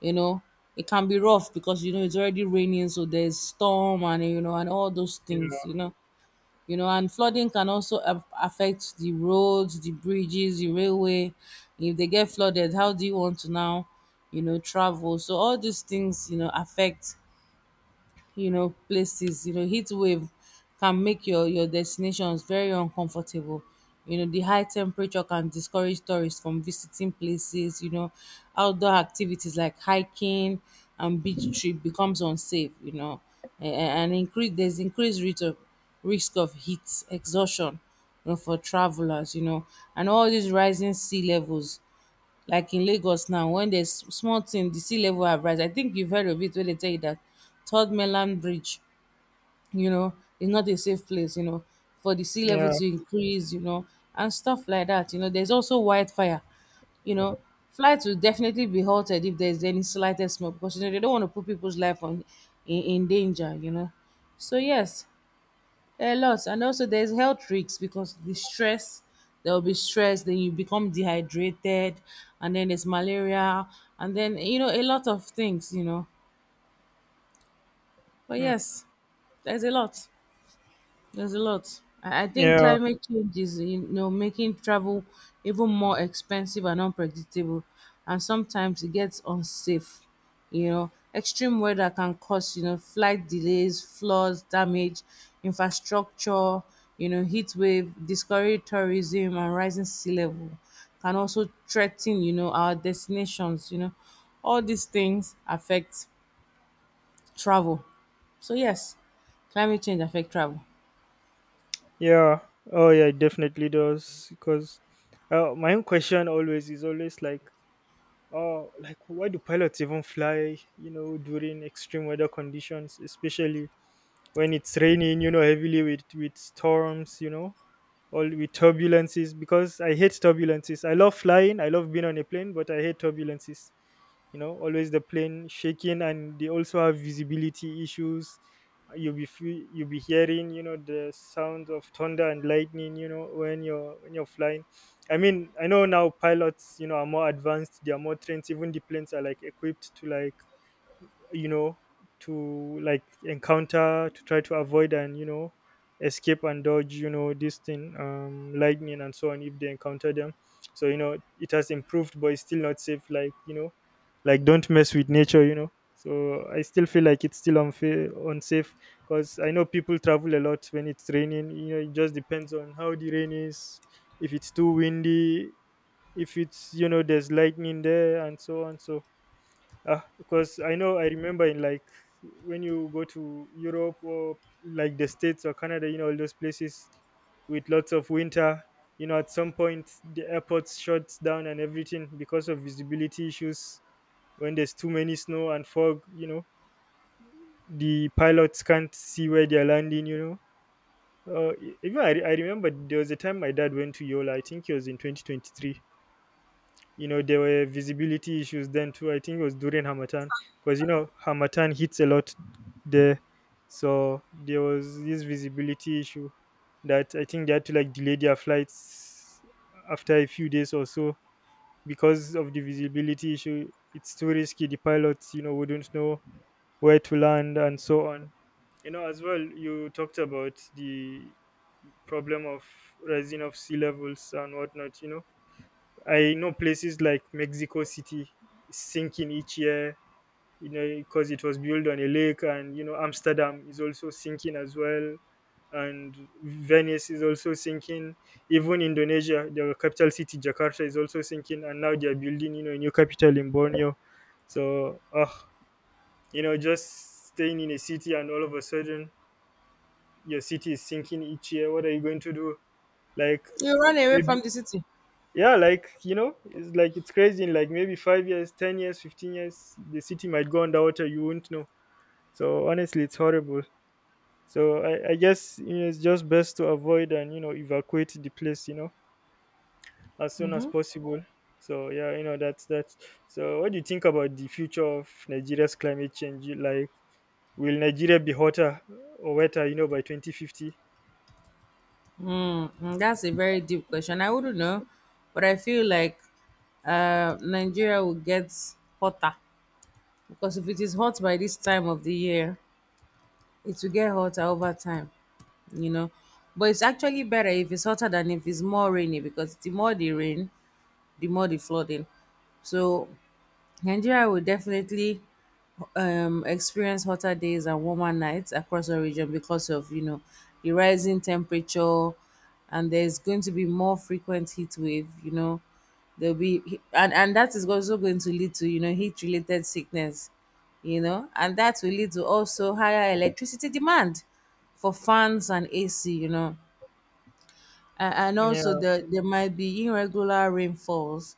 Speaker 2: you know, it can be rough because, you know, it's already raining, so there's storm and, you know, and all those things, you
Speaker 1: yeah,
Speaker 2: know. You know, and flooding can also affect the roads, the bridges, the railway. If they get flooded, how do you want to now, you know, travel? So all these things, you know, affect, you know, places. You know, heat wave can make your destinations very uncomfortable. You know, the high temperature can discourage tourists from visiting places, you know. Outdoor activities like hiking and beach trip becomes unsafe, you know. a- a- and increase, there's increased risk of heat exhaustion, you know, for travelers, you know. And all these rising sea levels, like in Lagos now, when there's small thing, the sea level have rise. I think you've heard of it when they tell you that Third Mainland Bridge, you know, is not a safe place, you know, for the sea level
Speaker 1: yeah.
Speaker 2: to increase, you know, and stuff like that. You know, there's also wildfire. You know, flights will definitely be halted if there's any slightest smoke because, you know, they don't want to put people's life on, in danger. You know, so yes, a lot. And also there's health risks because the stress, there will be stress, then you become dehydrated, and then there's malaria, and then, you know, a lot of things, you know. But
Speaker 1: Mm,
Speaker 2: yes, there's a lot. I think
Speaker 1: yeah,
Speaker 2: climate change is, you know, making travel even more expensive and unpredictable, and sometimes it gets unsafe. You know, extreme weather can cause, you know, flight delays, floods, damage, infrastructure. You know, heat wave, discourage tourism, and rising sea level can also threaten, you know, our destinations. You know, all these things affect travel. So yes, climate change affect travel.
Speaker 1: yeah. Oh yeah, it definitely does, because my own question always is always like, oh, like, why do pilots even fly, you know, during extreme weather conditions, especially when it's raining, you know, heavily with storms, you know, all with turbulences? Because I hate turbulences, I love flying, I love being on a plane, but I hate turbulences, you know. Always the plane shaking, and they also have visibility issues. You'll be hearing, you know, the sound of thunder and lightning, you know, when you're flying. I mean, I know now pilots, you know, are more advanced, they are more trained, even the planes are like equipped to like, you know, to like encounter, to try to avoid, and you know, escape and dodge, you know, this thing, lightning and so on, if they encounter them. So you know, it has improved, but it's still not safe. Like you know, like don't mess with nature, you know. So I still feel like it's still unfair unsafe because I know people travel a lot when it's raining, you know. It just depends on how the rain is. If it's too windy, if it's, you know, there's lightning there and so on. So ah, because I know, I remember in like, when you go to Europe, or like the States or Canada, you know, all those places with lots of winter, you know, at some point the airports shuts down and everything because of visibility issues. When there's too many snow and fog, you know, the pilots can't see where they're landing, you know. Even I, I remember there was a time my dad went to Yola, I think it was in 2023. You know, there were visibility issues then too. I think it was during hamatan, because you know hamatan hits a lot there. So there was this visibility issue, that I think they had to like delay their flights after a few days or so, because of the visibility issue. It's too risky. The pilots, you know, wouldn't know where to land and so on. You know, as well, you talked about the problem of rising of sea levels and whatnot. You know, I know places like Mexico City is sinking each year, you know, because it was built on a lake, and you know, Amsterdam is also sinking as well, and Venice is also sinking. Even Indonesia, their capital city Jakarta is also sinking, and now they are building, you know, a new capital in Borneo. So, ah, you know, just staying in a city and all of a sudden your city is sinking each year. What are you going to do? Like
Speaker 2: You run away from
Speaker 1: maybe.
Speaker 2: the city.
Speaker 1: Yeah, like you know, it's like, it's crazy. In like maybe 5 years, 10 years, 15 years, the city might go underwater. You won't know. So honestly, it's horrible. So I guess, you know, it's just best to avoid and you know evacuate the place, you know, as soon as possible. So yeah, you know, that's that. So what do you think about the future of Nigeria's climate change? Like, will Nigeria be hotter or wetter? You know, by 2050.
Speaker 2: Mm, that's a very deep question. I wouldn't know, but I feel like, Nigeria will get hotter because if it is hot by this time of the year, it will get hotter over time, you know. But it's actually better if it's hotter than if it's more rainy because the more the rain, the more the flooding. So Nigeria will definitely, experience hotter days and warmer nights across the region because of, you know, the rising temperature, and there's going to be more frequent heat wave. You know, there'll be, and that is also going to lead to, you know, heat related sickness. You know, and that will lead to also higher electricity demand for fans and AC. You know, and, also
Speaker 1: Yeah.
Speaker 2: there might be irregular rainfalls.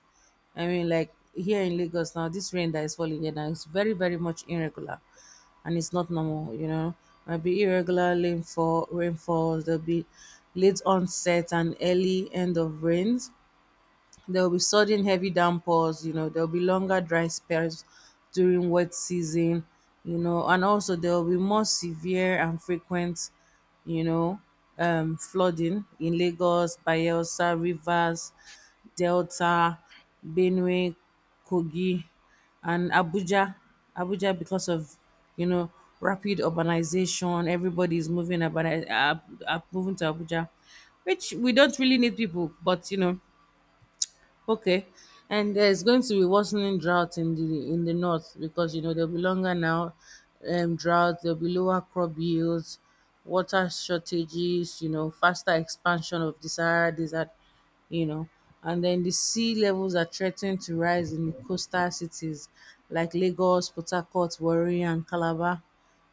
Speaker 2: I mean, like here in Lagos now, this rain that is falling here now is very, very much irregular, and it's not normal. You know, might be irregular rainfalls. There'll be late onset and early end of rains. There will be sudden heavy downpours, you know, there will be longer dry spells during wet season, you know, and also there will be more severe and frequent, you know, flooding in Lagos, Bayelsa, Rivers, Delta, Benue, Kogi, and Abuja. Abuja, because of, you know, rapid urbanization, everybody is moving about, moving to Abuja, which we don't really need people, but you know. Okay, and there's going to be worsening drought in the north because, you know, there'll be longer now, drought. There'll be lower crop yields, water shortages. You know, faster expansion of desired desert. You know, and then the sea levels are threatened to rise in the coastal cities like Lagos, Port Harcourt, Warri, and Calabar,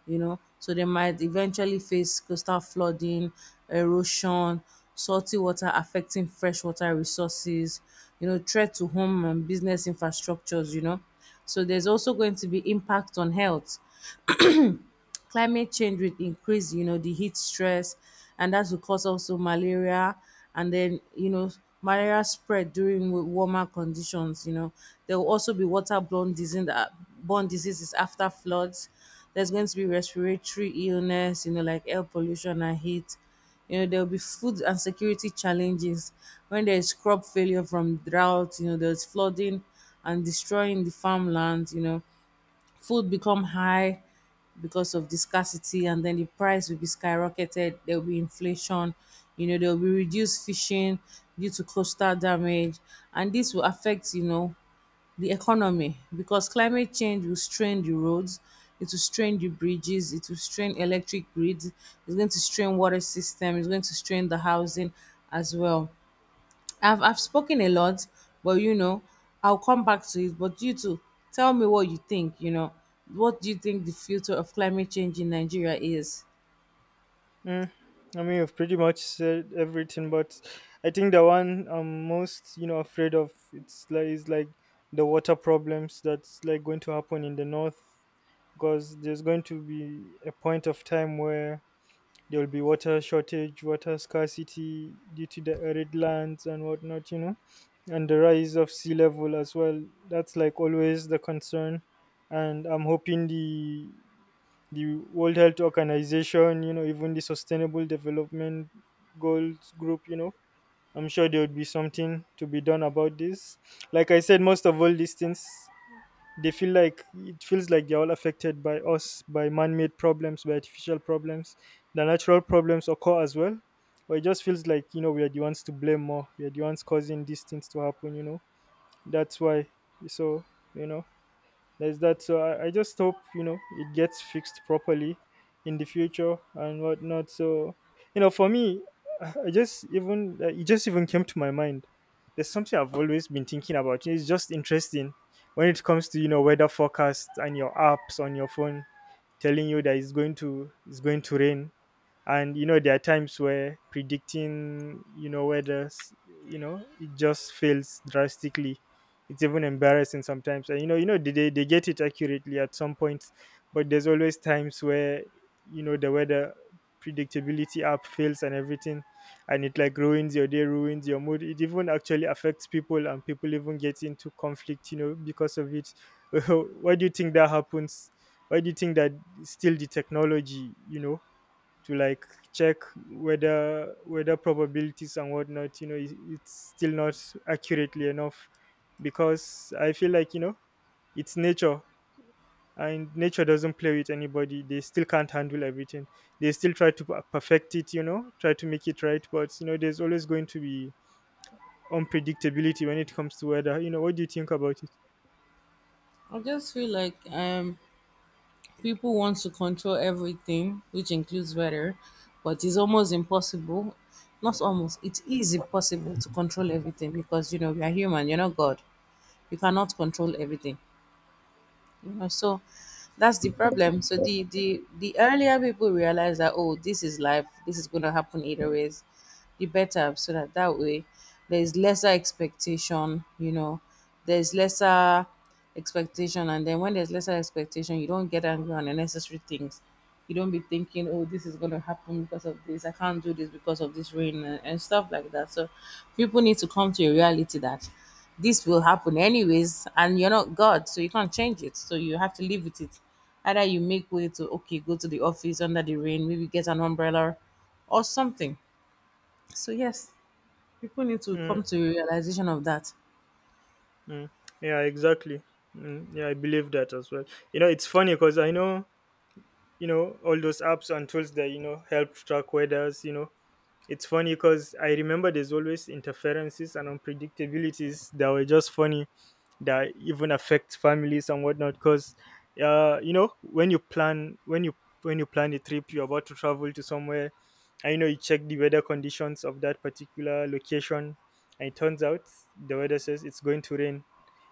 Speaker 2: you know, so they might eventually face coastal flooding, erosion, salty water affecting freshwater resources, you know, threat to home and business infrastructures, you know. So there's also going to be impact on health. Climate change will increase, you know, the heat stress, and that will cause also malaria. And then, you know, malaria spread during warmer conditions, you know. There will also be waterborne disease that borne diseases after floods. There's going to be respiratory illness, you know, like air pollution and heat. You know, there will be food and security challenges when there is crop failure from drought, you know, there's flooding and destroying the farmland, you know, food become high because of the scarcity, and then the price will be skyrocketed. There will be inflation, you know, there will be reduced fishing due to coastal damage, and this will affect, you know, the economy, because climate change will strain the roads, it will strain the bridges, it will strain electric grids, it's going to strain water system, it's going to strain the housing as well. I've spoken a lot, but you know, I'll come back to it. But you too, tell me what you think. You know, what do you think the future of climate change in Nigeria is?
Speaker 1: Mm, I mean, you've pretty much said everything, but I think the one I'm most, you know, afraid of it's like is like the water problems that's like going to happen in the north, because there's going to be a point of time where there will be water shortage, water scarcity due to the arid lands and whatnot, you know, and the rise of sea level as well. That's like always the concern, and I'm hoping the World Health Organization, you know, even the Sustainable Development Goals Group, you know, I'm sure there would be something to be done about this. Like I said, most of all these things, they feel like it feels like they're all affected by us, by man-made problems, by artificial problems. The natural problems occur as well, but it just feels like, we are the ones to blame more. We are the ones causing these things to happen. That's why. So, you know there's that. So I just hope it gets fixed properly in the future and whatnot. So, for me, I just even it just even came to my mind. There's something I've always been thinking about. It's just interesting when it comes to, weather forecast and your apps on your phone telling you that it's going to rain. And there are times where predicting, it just fails drastically. It's even embarrassing sometimes, and they get it accurately at some points. But there's always times where, the weather predictability app fails and everything, and it like ruins your day, ruins your mood. It even actually affects people, and people even get into conflict because of it. Why do you think that happens? Why do you think that still the technology, to like check whether probabilities and whatnot, it's still not accurately enough? Because I feel like, it's nature, and nature doesn't play with anybody. They still can't handle everything. They still try to perfect it, try to make it right, but there's always going to be unpredictability when it comes to weather. You know, what do you think about it?
Speaker 2: I just feel like people want to control everything, which includes weather, but it's almost impossible. Not almost, it is impossible to control everything, because you know we are human. You're not God. You cannot control everything, you know. So that's the problem. So the earlier people realize that, oh, this is life, this is going to happen either ways, the better, so that that way there's lesser expectation, you know, there's lesser expectation. And then when there's lesser expectation, you don't get angry on unnecessary things. You don't be thinking, oh, this is going to happen because of this, I can't do this because of this rain, and stuff like that. So people need to come to a reality that this will happen anyways, and you're not God, so you can't change it. So you have to live with it. Either you make way to, okay, go to the office under the rain, maybe get an umbrella or something. So, yes, people need to
Speaker 1: Mm,
Speaker 2: come to a realization of that.
Speaker 1: mm. Yeah, exactly. Mm, yeah, I believe that as well. You know, it's funny because I know, all those apps and tools that, help track weathers. It's funny because I remember there's always interferences and unpredictabilities that were just funny, that even affect families and whatnot, because uh you know when you plan when you when you plan a trip, you're about to travel to somewhere, and you check the weather conditions of that particular location, and it turns out the weather says it's going to rain,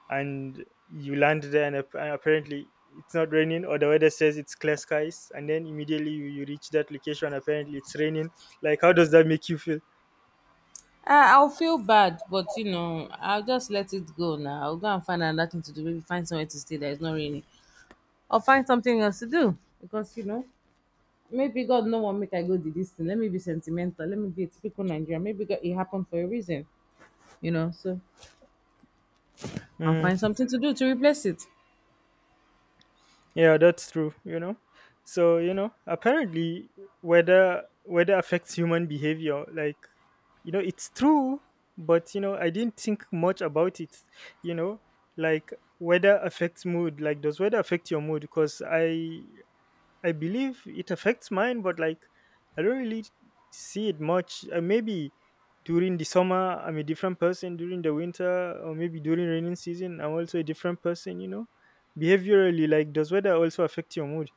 Speaker 1: and you land there and apparently it's not raining. Or the weather says it's clear skies, and then immediately you reach that location, apparently it's raining. Like, how does that make you feel?
Speaker 2: I'll feel bad, but you know, I'll just let it go now. I'll go and find another thing to do. Maybe find somewhere to stay that is not raining, or find something else to do, because you know maybe God no want make I go do this thing. Let me be sentimental. Let me be a typical Nigerian. Maybe God, it happened for a reason, you know. So I'll
Speaker 1: Mm,
Speaker 2: find something to do to replace it.
Speaker 1: yeah, that's true. You know, so, apparently weather affects human behavior, like, it's true. But I didn't think much about it, you know like weather affects mood. Like, does weather affect your mood? Because I believe it affects mine, but like I don't really see it much. Maybe during the summer I'm a different person. During the winter, or maybe during raining season, I'm also a different person. You know, behaviorally, like, does weather also affect your mood?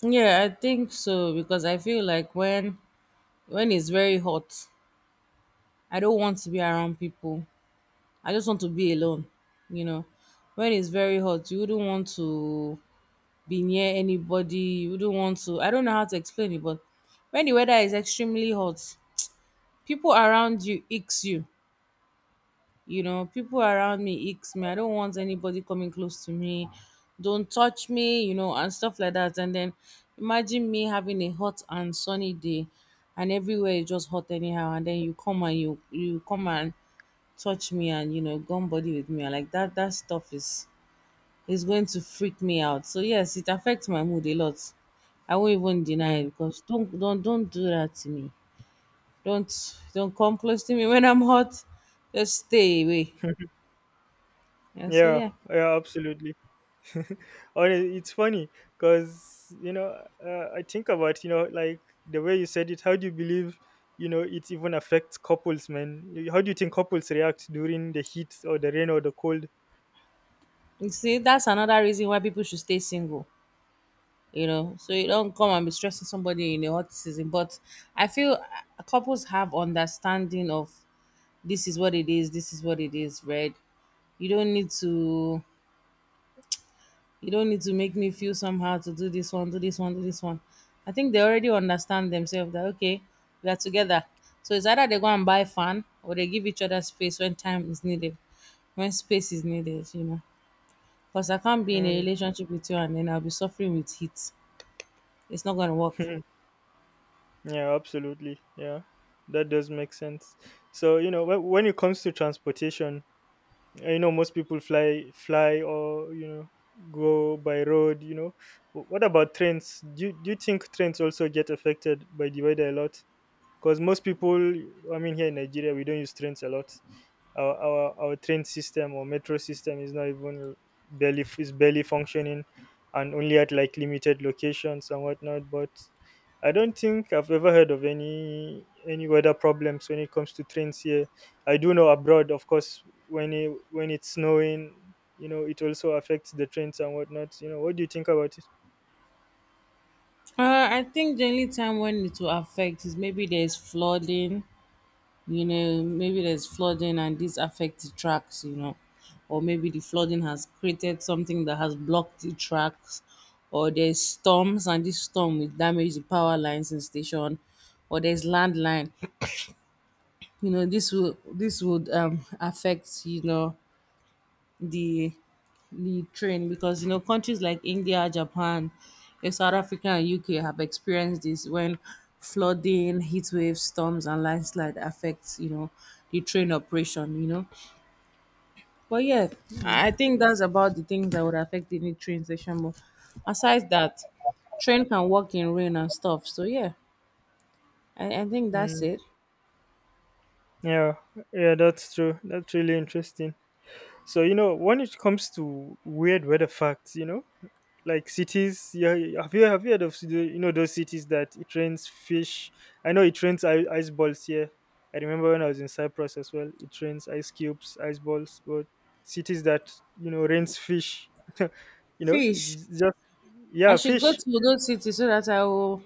Speaker 2: Yeah, I think so, because I feel like when it's very hot, I don't want to be around people. I just want to be alone, you know. When it's very hot, you wouldn't want to be near anybody. You wouldn't want to. I don't know how to explain it, but when the weather is extremely hot, people around you icks you, you know, people around me icks me. I don't want anybody coming close to me, don't touch me, you know, and stuff like that. And then imagine me having a hot and sunny day and everywhere is just hot anyhow, and then you come and you come and touch me, and you know, gum body with me. I like that that stuff is going to freak me out. So yes, it affects my mood a lot. I won't even deny it,
Speaker 1: Mm.
Speaker 2: because don't do that to me. Don't don't come close to me when I'm hot. Just stay away. Yeah, so
Speaker 1: Yeah,
Speaker 2: yeah.
Speaker 1: yeah, absolutely. Or it's funny because, I think about, like, the way you said it. How do you believe, it even affects couples, man? How do you think couples react during the heat or the rain or the cold?
Speaker 2: You see, that's another reason why people should stay single, you know, so you don't come and be stressing somebody in a hot season. But I feel couples have understanding of, this is what it is, this is what it is, right? You don't need to you don't need to make me feel somehow to do this one, do this one, do this one. I think they already understand themselves that, okay, we are together. So it's either they go and buy fun, or they give each other space when time is needed, when space is needed, you know. Because I can't be in a
Speaker 1: Mm.
Speaker 2: relationship with you and then I'll be suffering with heat. It's not going to work.
Speaker 1: Yeah, absolutely. Yeah, that does make sense. So, you know, when it comes to transportation, most people fly or, go by road, what about trains? Do you think trains also get affected by the weather a lot? Because most people, I mean, here in Nigeria, we don't use trains a lot. Our train system or metro system is not even barely functioning, and only at like limited locations and whatnot. But I don't think I've ever heard of any weather problems when it comes to trains here. I do know abroad, of course, when it's snowing, you know, it also affects the trains and whatnot. You know, what do you think about it?
Speaker 2: I think the only time when it will affect is maybe there's flooding, you know, maybe there's flooding and this affects the tracks, you know, or maybe the flooding has created something that has blocked the tracks, or there's storms and this storm will damage the power lines in station, or there's landline, you know, this will this would affect, you know, the the train, because you know countries like India, Japan, South Africa, and UK have experienced this when flooding, heat waves, storms, and landslide affects, you know, the train operation. You know, but yeah,
Speaker 1: Mm,
Speaker 2: I think that's about the things that would affect any train station. But aside that, train can work in rain and stuff. So yeah, I think that's
Speaker 1: mm,
Speaker 2: it.
Speaker 1: yeah, yeah, that's true. That's really interesting. So, you know, when it comes to weird weather facts, you know, like cities, yeah, have you heard of the, you know, those cities that it rains fish? I know it rains ice balls here. I remember when I was in Cyprus as well. It rains ice cubes, ice balls, but cities that, you know, rains fish. You know,
Speaker 2: Fish.
Speaker 1: it's just,
Speaker 2: I
Speaker 1: yeah,
Speaker 2: should go
Speaker 1: fish.
Speaker 2: to Odo City so that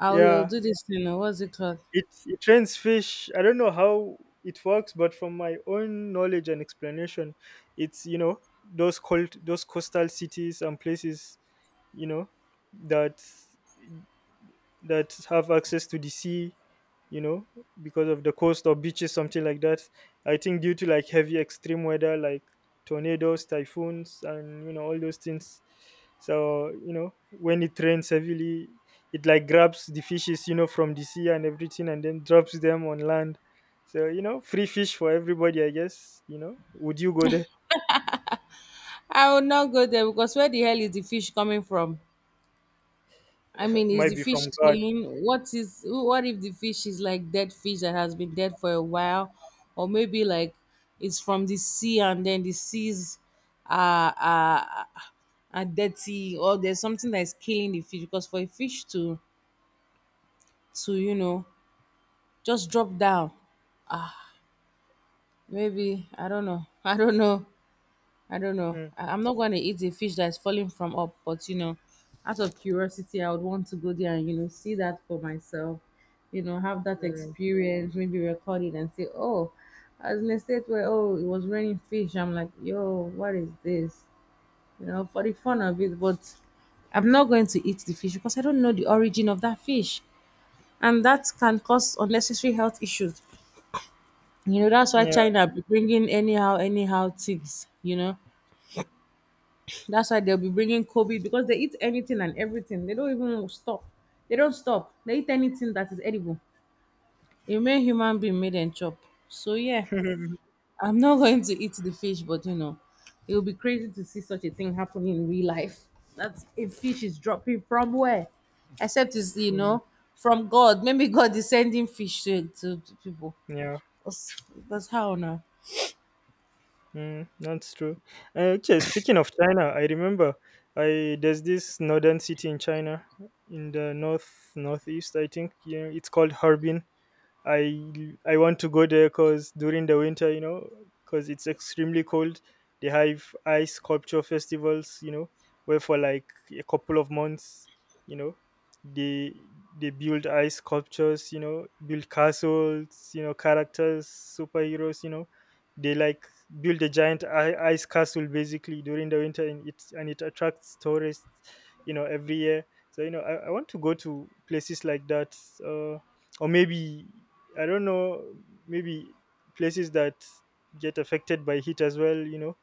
Speaker 2: I will
Speaker 1: Yeah,
Speaker 2: do this thing, or what's it called?
Speaker 1: it trains fish. I don't know how it works, but from my own knowledge and explanation, it's, you know, those coastal cities and places, you know, that that have access to the sea, you know, because of the coast or beaches, something like that. I think due to like heavy extreme weather like tornadoes, typhoons, and, you know, all those things. So, you know, when it rains heavily, it like grabs the fishes, you know, from the sea and everything, and then drops them on land. So, you know, free fish for everybody, I guess. You know, would you go there?
Speaker 2: I will not go there, because where the hell is the fish coming from? I mean, is
Speaker 1: Might
Speaker 2: the
Speaker 1: be
Speaker 2: fish
Speaker 1: from God.
Speaker 2: clean? What is, what if the fish is like dead fish that has been dead for a while, or maybe like it's from the sea, and then the seas are are, are dirty, or there's something that is killing the fish? Because for a fish to you know just drop down, maybe I don't know, I don't know. I don't know.
Speaker 1: Mm,
Speaker 2: I'm not going to eat a fish that's falling from up, but you know, out of curiosity, I would want to go there and, you know, see that for myself. You know, have that
Speaker 1: mm,
Speaker 2: experience, maybe record it and say, "Oh, I was in a state where, oh, it was raining fish." I'm like, "Yo, what is this?" You know, for the fun of it, but I'm not going to eat the fish because I don't know the origin of that fish, and that can cause unnecessary health issues. You know, that's why
Speaker 1: yeah.
Speaker 2: China be bringing anyhow, anyhow things. You know, that's why they'll be bringing COVID, because they eat anything and everything. They don't even stop. They don't stop. They eat anything that is edible. A mere human being made and chop. So yeah, I'm not going to eat the fish, but you know, it will be crazy to see such a thing happen in real life. That's a fish is dropping from where? Except it's, you
Speaker 1: Mm,
Speaker 2: know, from God. Maybe God is sending fish to people.
Speaker 1: yeah.
Speaker 2: That's, that's how now.
Speaker 1: Mm, that's true. Okay, speaking of China, I remember I there's this northern city in China, in the northeast, I think. Yeah, it's called Harbin. I want to go there because during the winter, you know, because it's extremely cold. They have ice sculpture festivals, you know, where for like a couple of months, you know, they they build ice sculptures, you know, build castles, you know, characters, superheroes, you know, they like build a giant ice castle basically during the winter, and it attracts tourists, you know, every year. So, you know, I want to go to places like that. Uh, or maybe, I don't know, maybe places that get affected by heat as well, you know,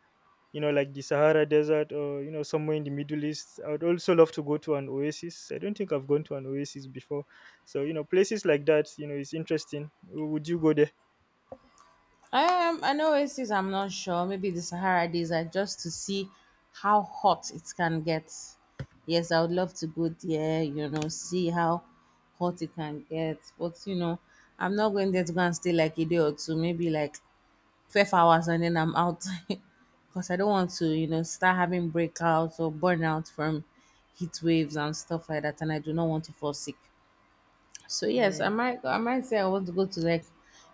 Speaker 1: like the Sahara Desert or, you know, somewhere in the Middle East. I would also love to go to an oasis. I don't think I've gone to an oasis before. So, you know, places like that, you know, it's interesting. Would you go there?
Speaker 2: I know oasis. I'm not sure. Maybe the Sahara Desert, just to see how hot it can get. Yes, I would love to go there. You know, see how hot it can get. But you know, I'm not going there to go and stay like a day or two. Maybe like 12 hours, and then I'm out because I don't want to, you know, start having breakouts or burnout from heat waves and stuff like that. And I do not want to fall sick. So yes, I
Speaker 1: Mm.
Speaker 2: might. I might say I want to go to like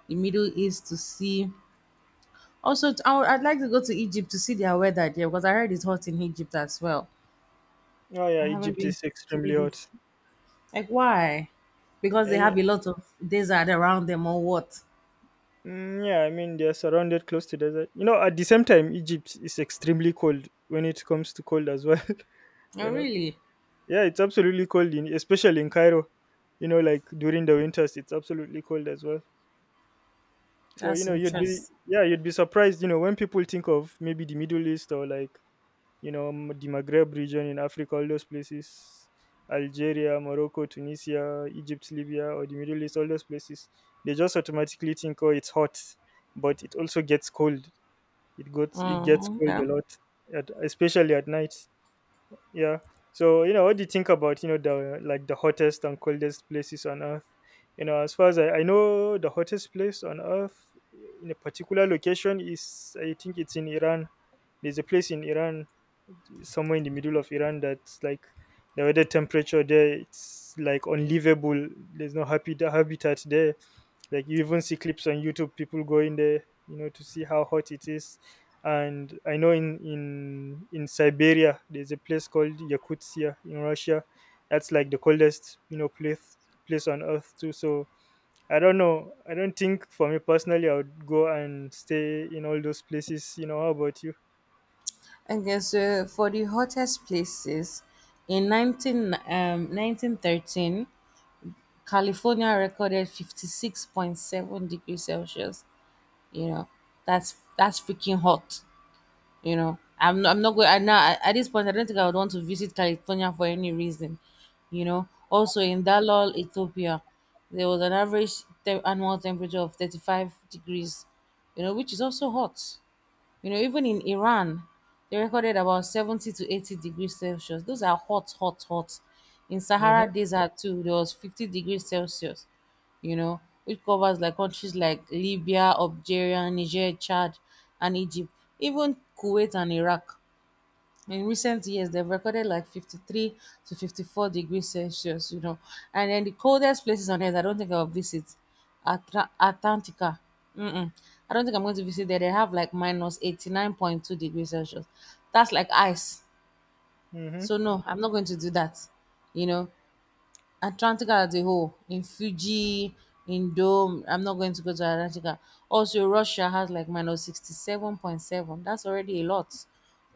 Speaker 2: the Middle East to see also, I would, I'd like to go to Egypt to see their weather there, because I heard it's hot in Egypt as well.
Speaker 1: Oh, yeah,
Speaker 2: I haven't
Speaker 1: Egypt
Speaker 2: been
Speaker 1: is
Speaker 2: to
Speaker 1: extremely
Speaker 2: Egypt.
Speaker 1: hot.
Speaker 2: Like, why? Because they
Speaker 1: Yeah.
Speaker 2: have a lot of desert around them or what?
Speaker 1: Mm, yeah, I mean, they're surrounded close to desert. You know, at the same time, Egypt is extremely cold when it comes to cold as well.
Speaker 2: Oh,
Speaker 1: You know,
Speaker 2: really?
Speaker 1: yeah, it's absolutely cold, especially in Cairo. You know, like during the winters, it's absolutely cold as well. So, you
Speaker 2: That's
Speaker 1: know, you'd be,
Speaker 2: interesting.
Speaker 1: yeah, you'd be surprised. You know, when people think of maybe the Middle East or, like, you know, the Maghreb region in Africa, all those places, Algeria, Morocco, Tunisia, Egypt, Libya, or the Middle East, all those places, they just automatically think, oh, it's hot, but it also gets cold. It gets it
Speaker 2: Mm,
Speaker 1: gets cold
Speaker 2: okay.
Speaker 1: a lot, especially at night. Yeah. So, you know, what do you think about, you know, the, like, the hottest and coldest places on Earth? You know, as far as I know, the hottest place on Earth in a particular location is, I think, it's in Iran. There's a place in Iran, somewhere in the middle of Iran, that's like the weather temperature there, it's like unlivable. There's no happy habitat there, like, you even see clips on YouTube, people go in there, you know, to see how hot it is. And I know in Siberia, there's a place called Yakutsia in Russia. That's like the coldest, you know, place on earth too. So I don't know. I don't think for me personally, I would go and stay in all those places. You know, how about you?
Speaker 2: Okay, so for the hottest places, in 19, 1913, California recorded 56.7 degrees Celsius. You know, that's freaking hot. You know, I'm not going. I now at this point, I don't think I would want to visit California for any reason. You know, also in Dalol, Ethiopia, there was an average annual temperature of 35 degrees. You know, which is also hot. You know, even in Iran, they recorded about 70 to 80 degrees Celsius. Those are hot, hot, hot. In
Speaker 1: Mm-hmm.
Speaker 2: Sahara Desert too, there was 50 degrees Celsius, you know, which covers like countries like Libya, Algeria, Niger, Chad, and Egypt, even Kuwait and Iraq, in recent years they've recorded like 53 to 54 degrees Celsius, you know. And then the coldest places on earth I don't think I'll visit. Antarctica. Mm-mm. I don't think I'm going to visit there. They have like minus 89.2 degrees Celsius. That's like ice,
Speaker 1: Mm-hmm.
Speaker 2: so no, I'm not going to do that, you know. Antarctica as a whole, in Fiji, in Dome. I'm not going to go to Antarctica. Also, Russia has like minus 67.7. That's already a lot,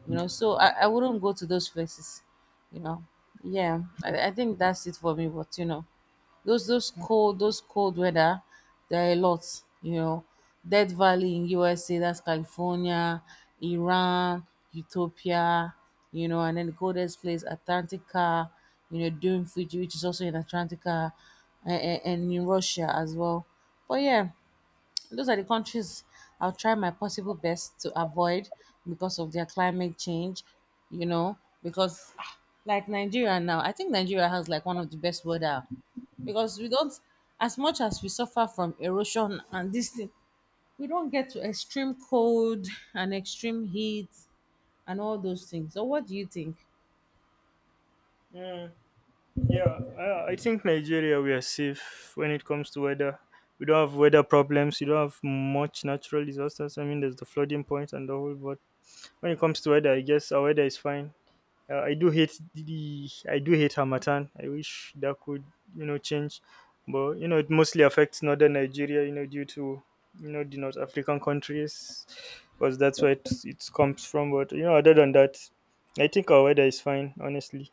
Speaker 2: you know. So I wouldn't go to those places, you know. Yeah, I think that's it for me, but you know, those cold weather, there are a lot, you know. Death Valley in USA, that's California, Iran, Utopia, you know, and then the coldest place Atlantica, you know, doing Fiji, which is also in Atlantica, and in Russia as well. But yeah, those are the countries I'll try my possible best to avoid because of their climate change, you know, because ah, like Nigeria now, I think Nigeria has like one of the best weather, because we don't, as much as we suffer from erosion and this thing, we don't get to extreme cold and extreme heat and all those things. So, what do you think?
Speaker 1: Yeah, I think Nigeria, we are safe when it comes to weather. We don't have weather problems. We don't have much natural disasters. I mean, there's the flooding point and the whole. But when it comes to weather, I guess our weather is fine. I do hate Hamatan. I wish that could, you know, change, but you know it mostly affects northern Nigeria. You know, due to, you know, the North African countries, because that's where it comes from. But, you know, other than that, I think our weather is fine. Honestly,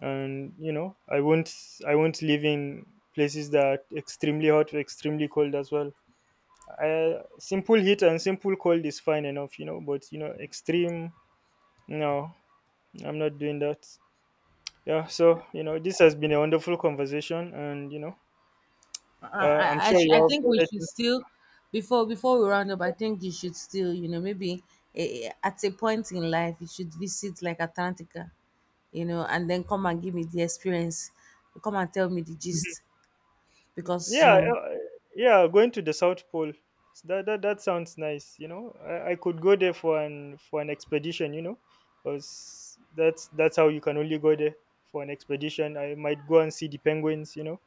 Speaker 1: and, I won't live in places that extremely hot or extremely cold as well. Simple heat and simple cold is fine enough, you know, but, you know, extreme, no, I'm not doing that. Yeah, so, you know, this has been a wonderful conversation, and,
Speaker 2: I
Speaker 1: I'm
Speaker 2: I,
Speaker 1: sure you
Speaker 2: sh- I think
Speaker 1: have
Speaker 2: we
Speaker 1: other
Speaker 2: should
Speaker 1: things to.
Speaker 2: still before we round up, I think you should still, you know, maybe at a point in life you should visit like Atlantica, you know, and then come and give me the experience. Come and tell me the gist, because you
Speaker 1: Yeah,
Speaker 2: know
Speaker 1: yeah, going to the South Pole. That sounds nice, you know. I could go there for an expedition, you know. Because that's how you can only go there, for an expedition. I might go and see the penguins, you know.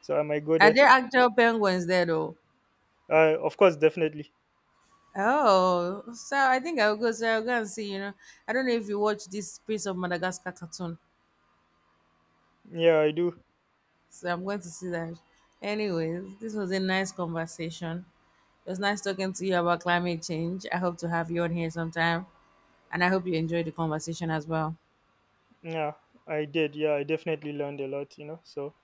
Speaker 1: So I might go
Speaker 2: are
Speaker 1: there.
Speaker 2: there actual penguins there though?
Speaker 1: Of course, definitely.
Speaker 2: Oh, so I think I'll go. So I'll go and see. You know, I don't know if you watch this Prince of Madagascar cartoon.
Speaker 1: Yeah, I do.
Speaker 2: So I'm going to see that. Anyways, this was a nice conversation. It was nice talking to you about climate change. I hope to have you on here sometime. And I hope you enjoyed the conversation as well.
Speaker 1: Yeah, I did. Yeah, I definitely learned a lot, you know. So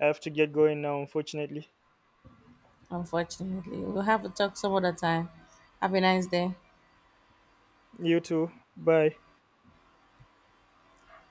Speaker 1: I have to get going now, unfortunately.
Speaker 2: Unfortunately, we'll have to talk some other time. Have a nice day.
Speaker 1: You too. Bye.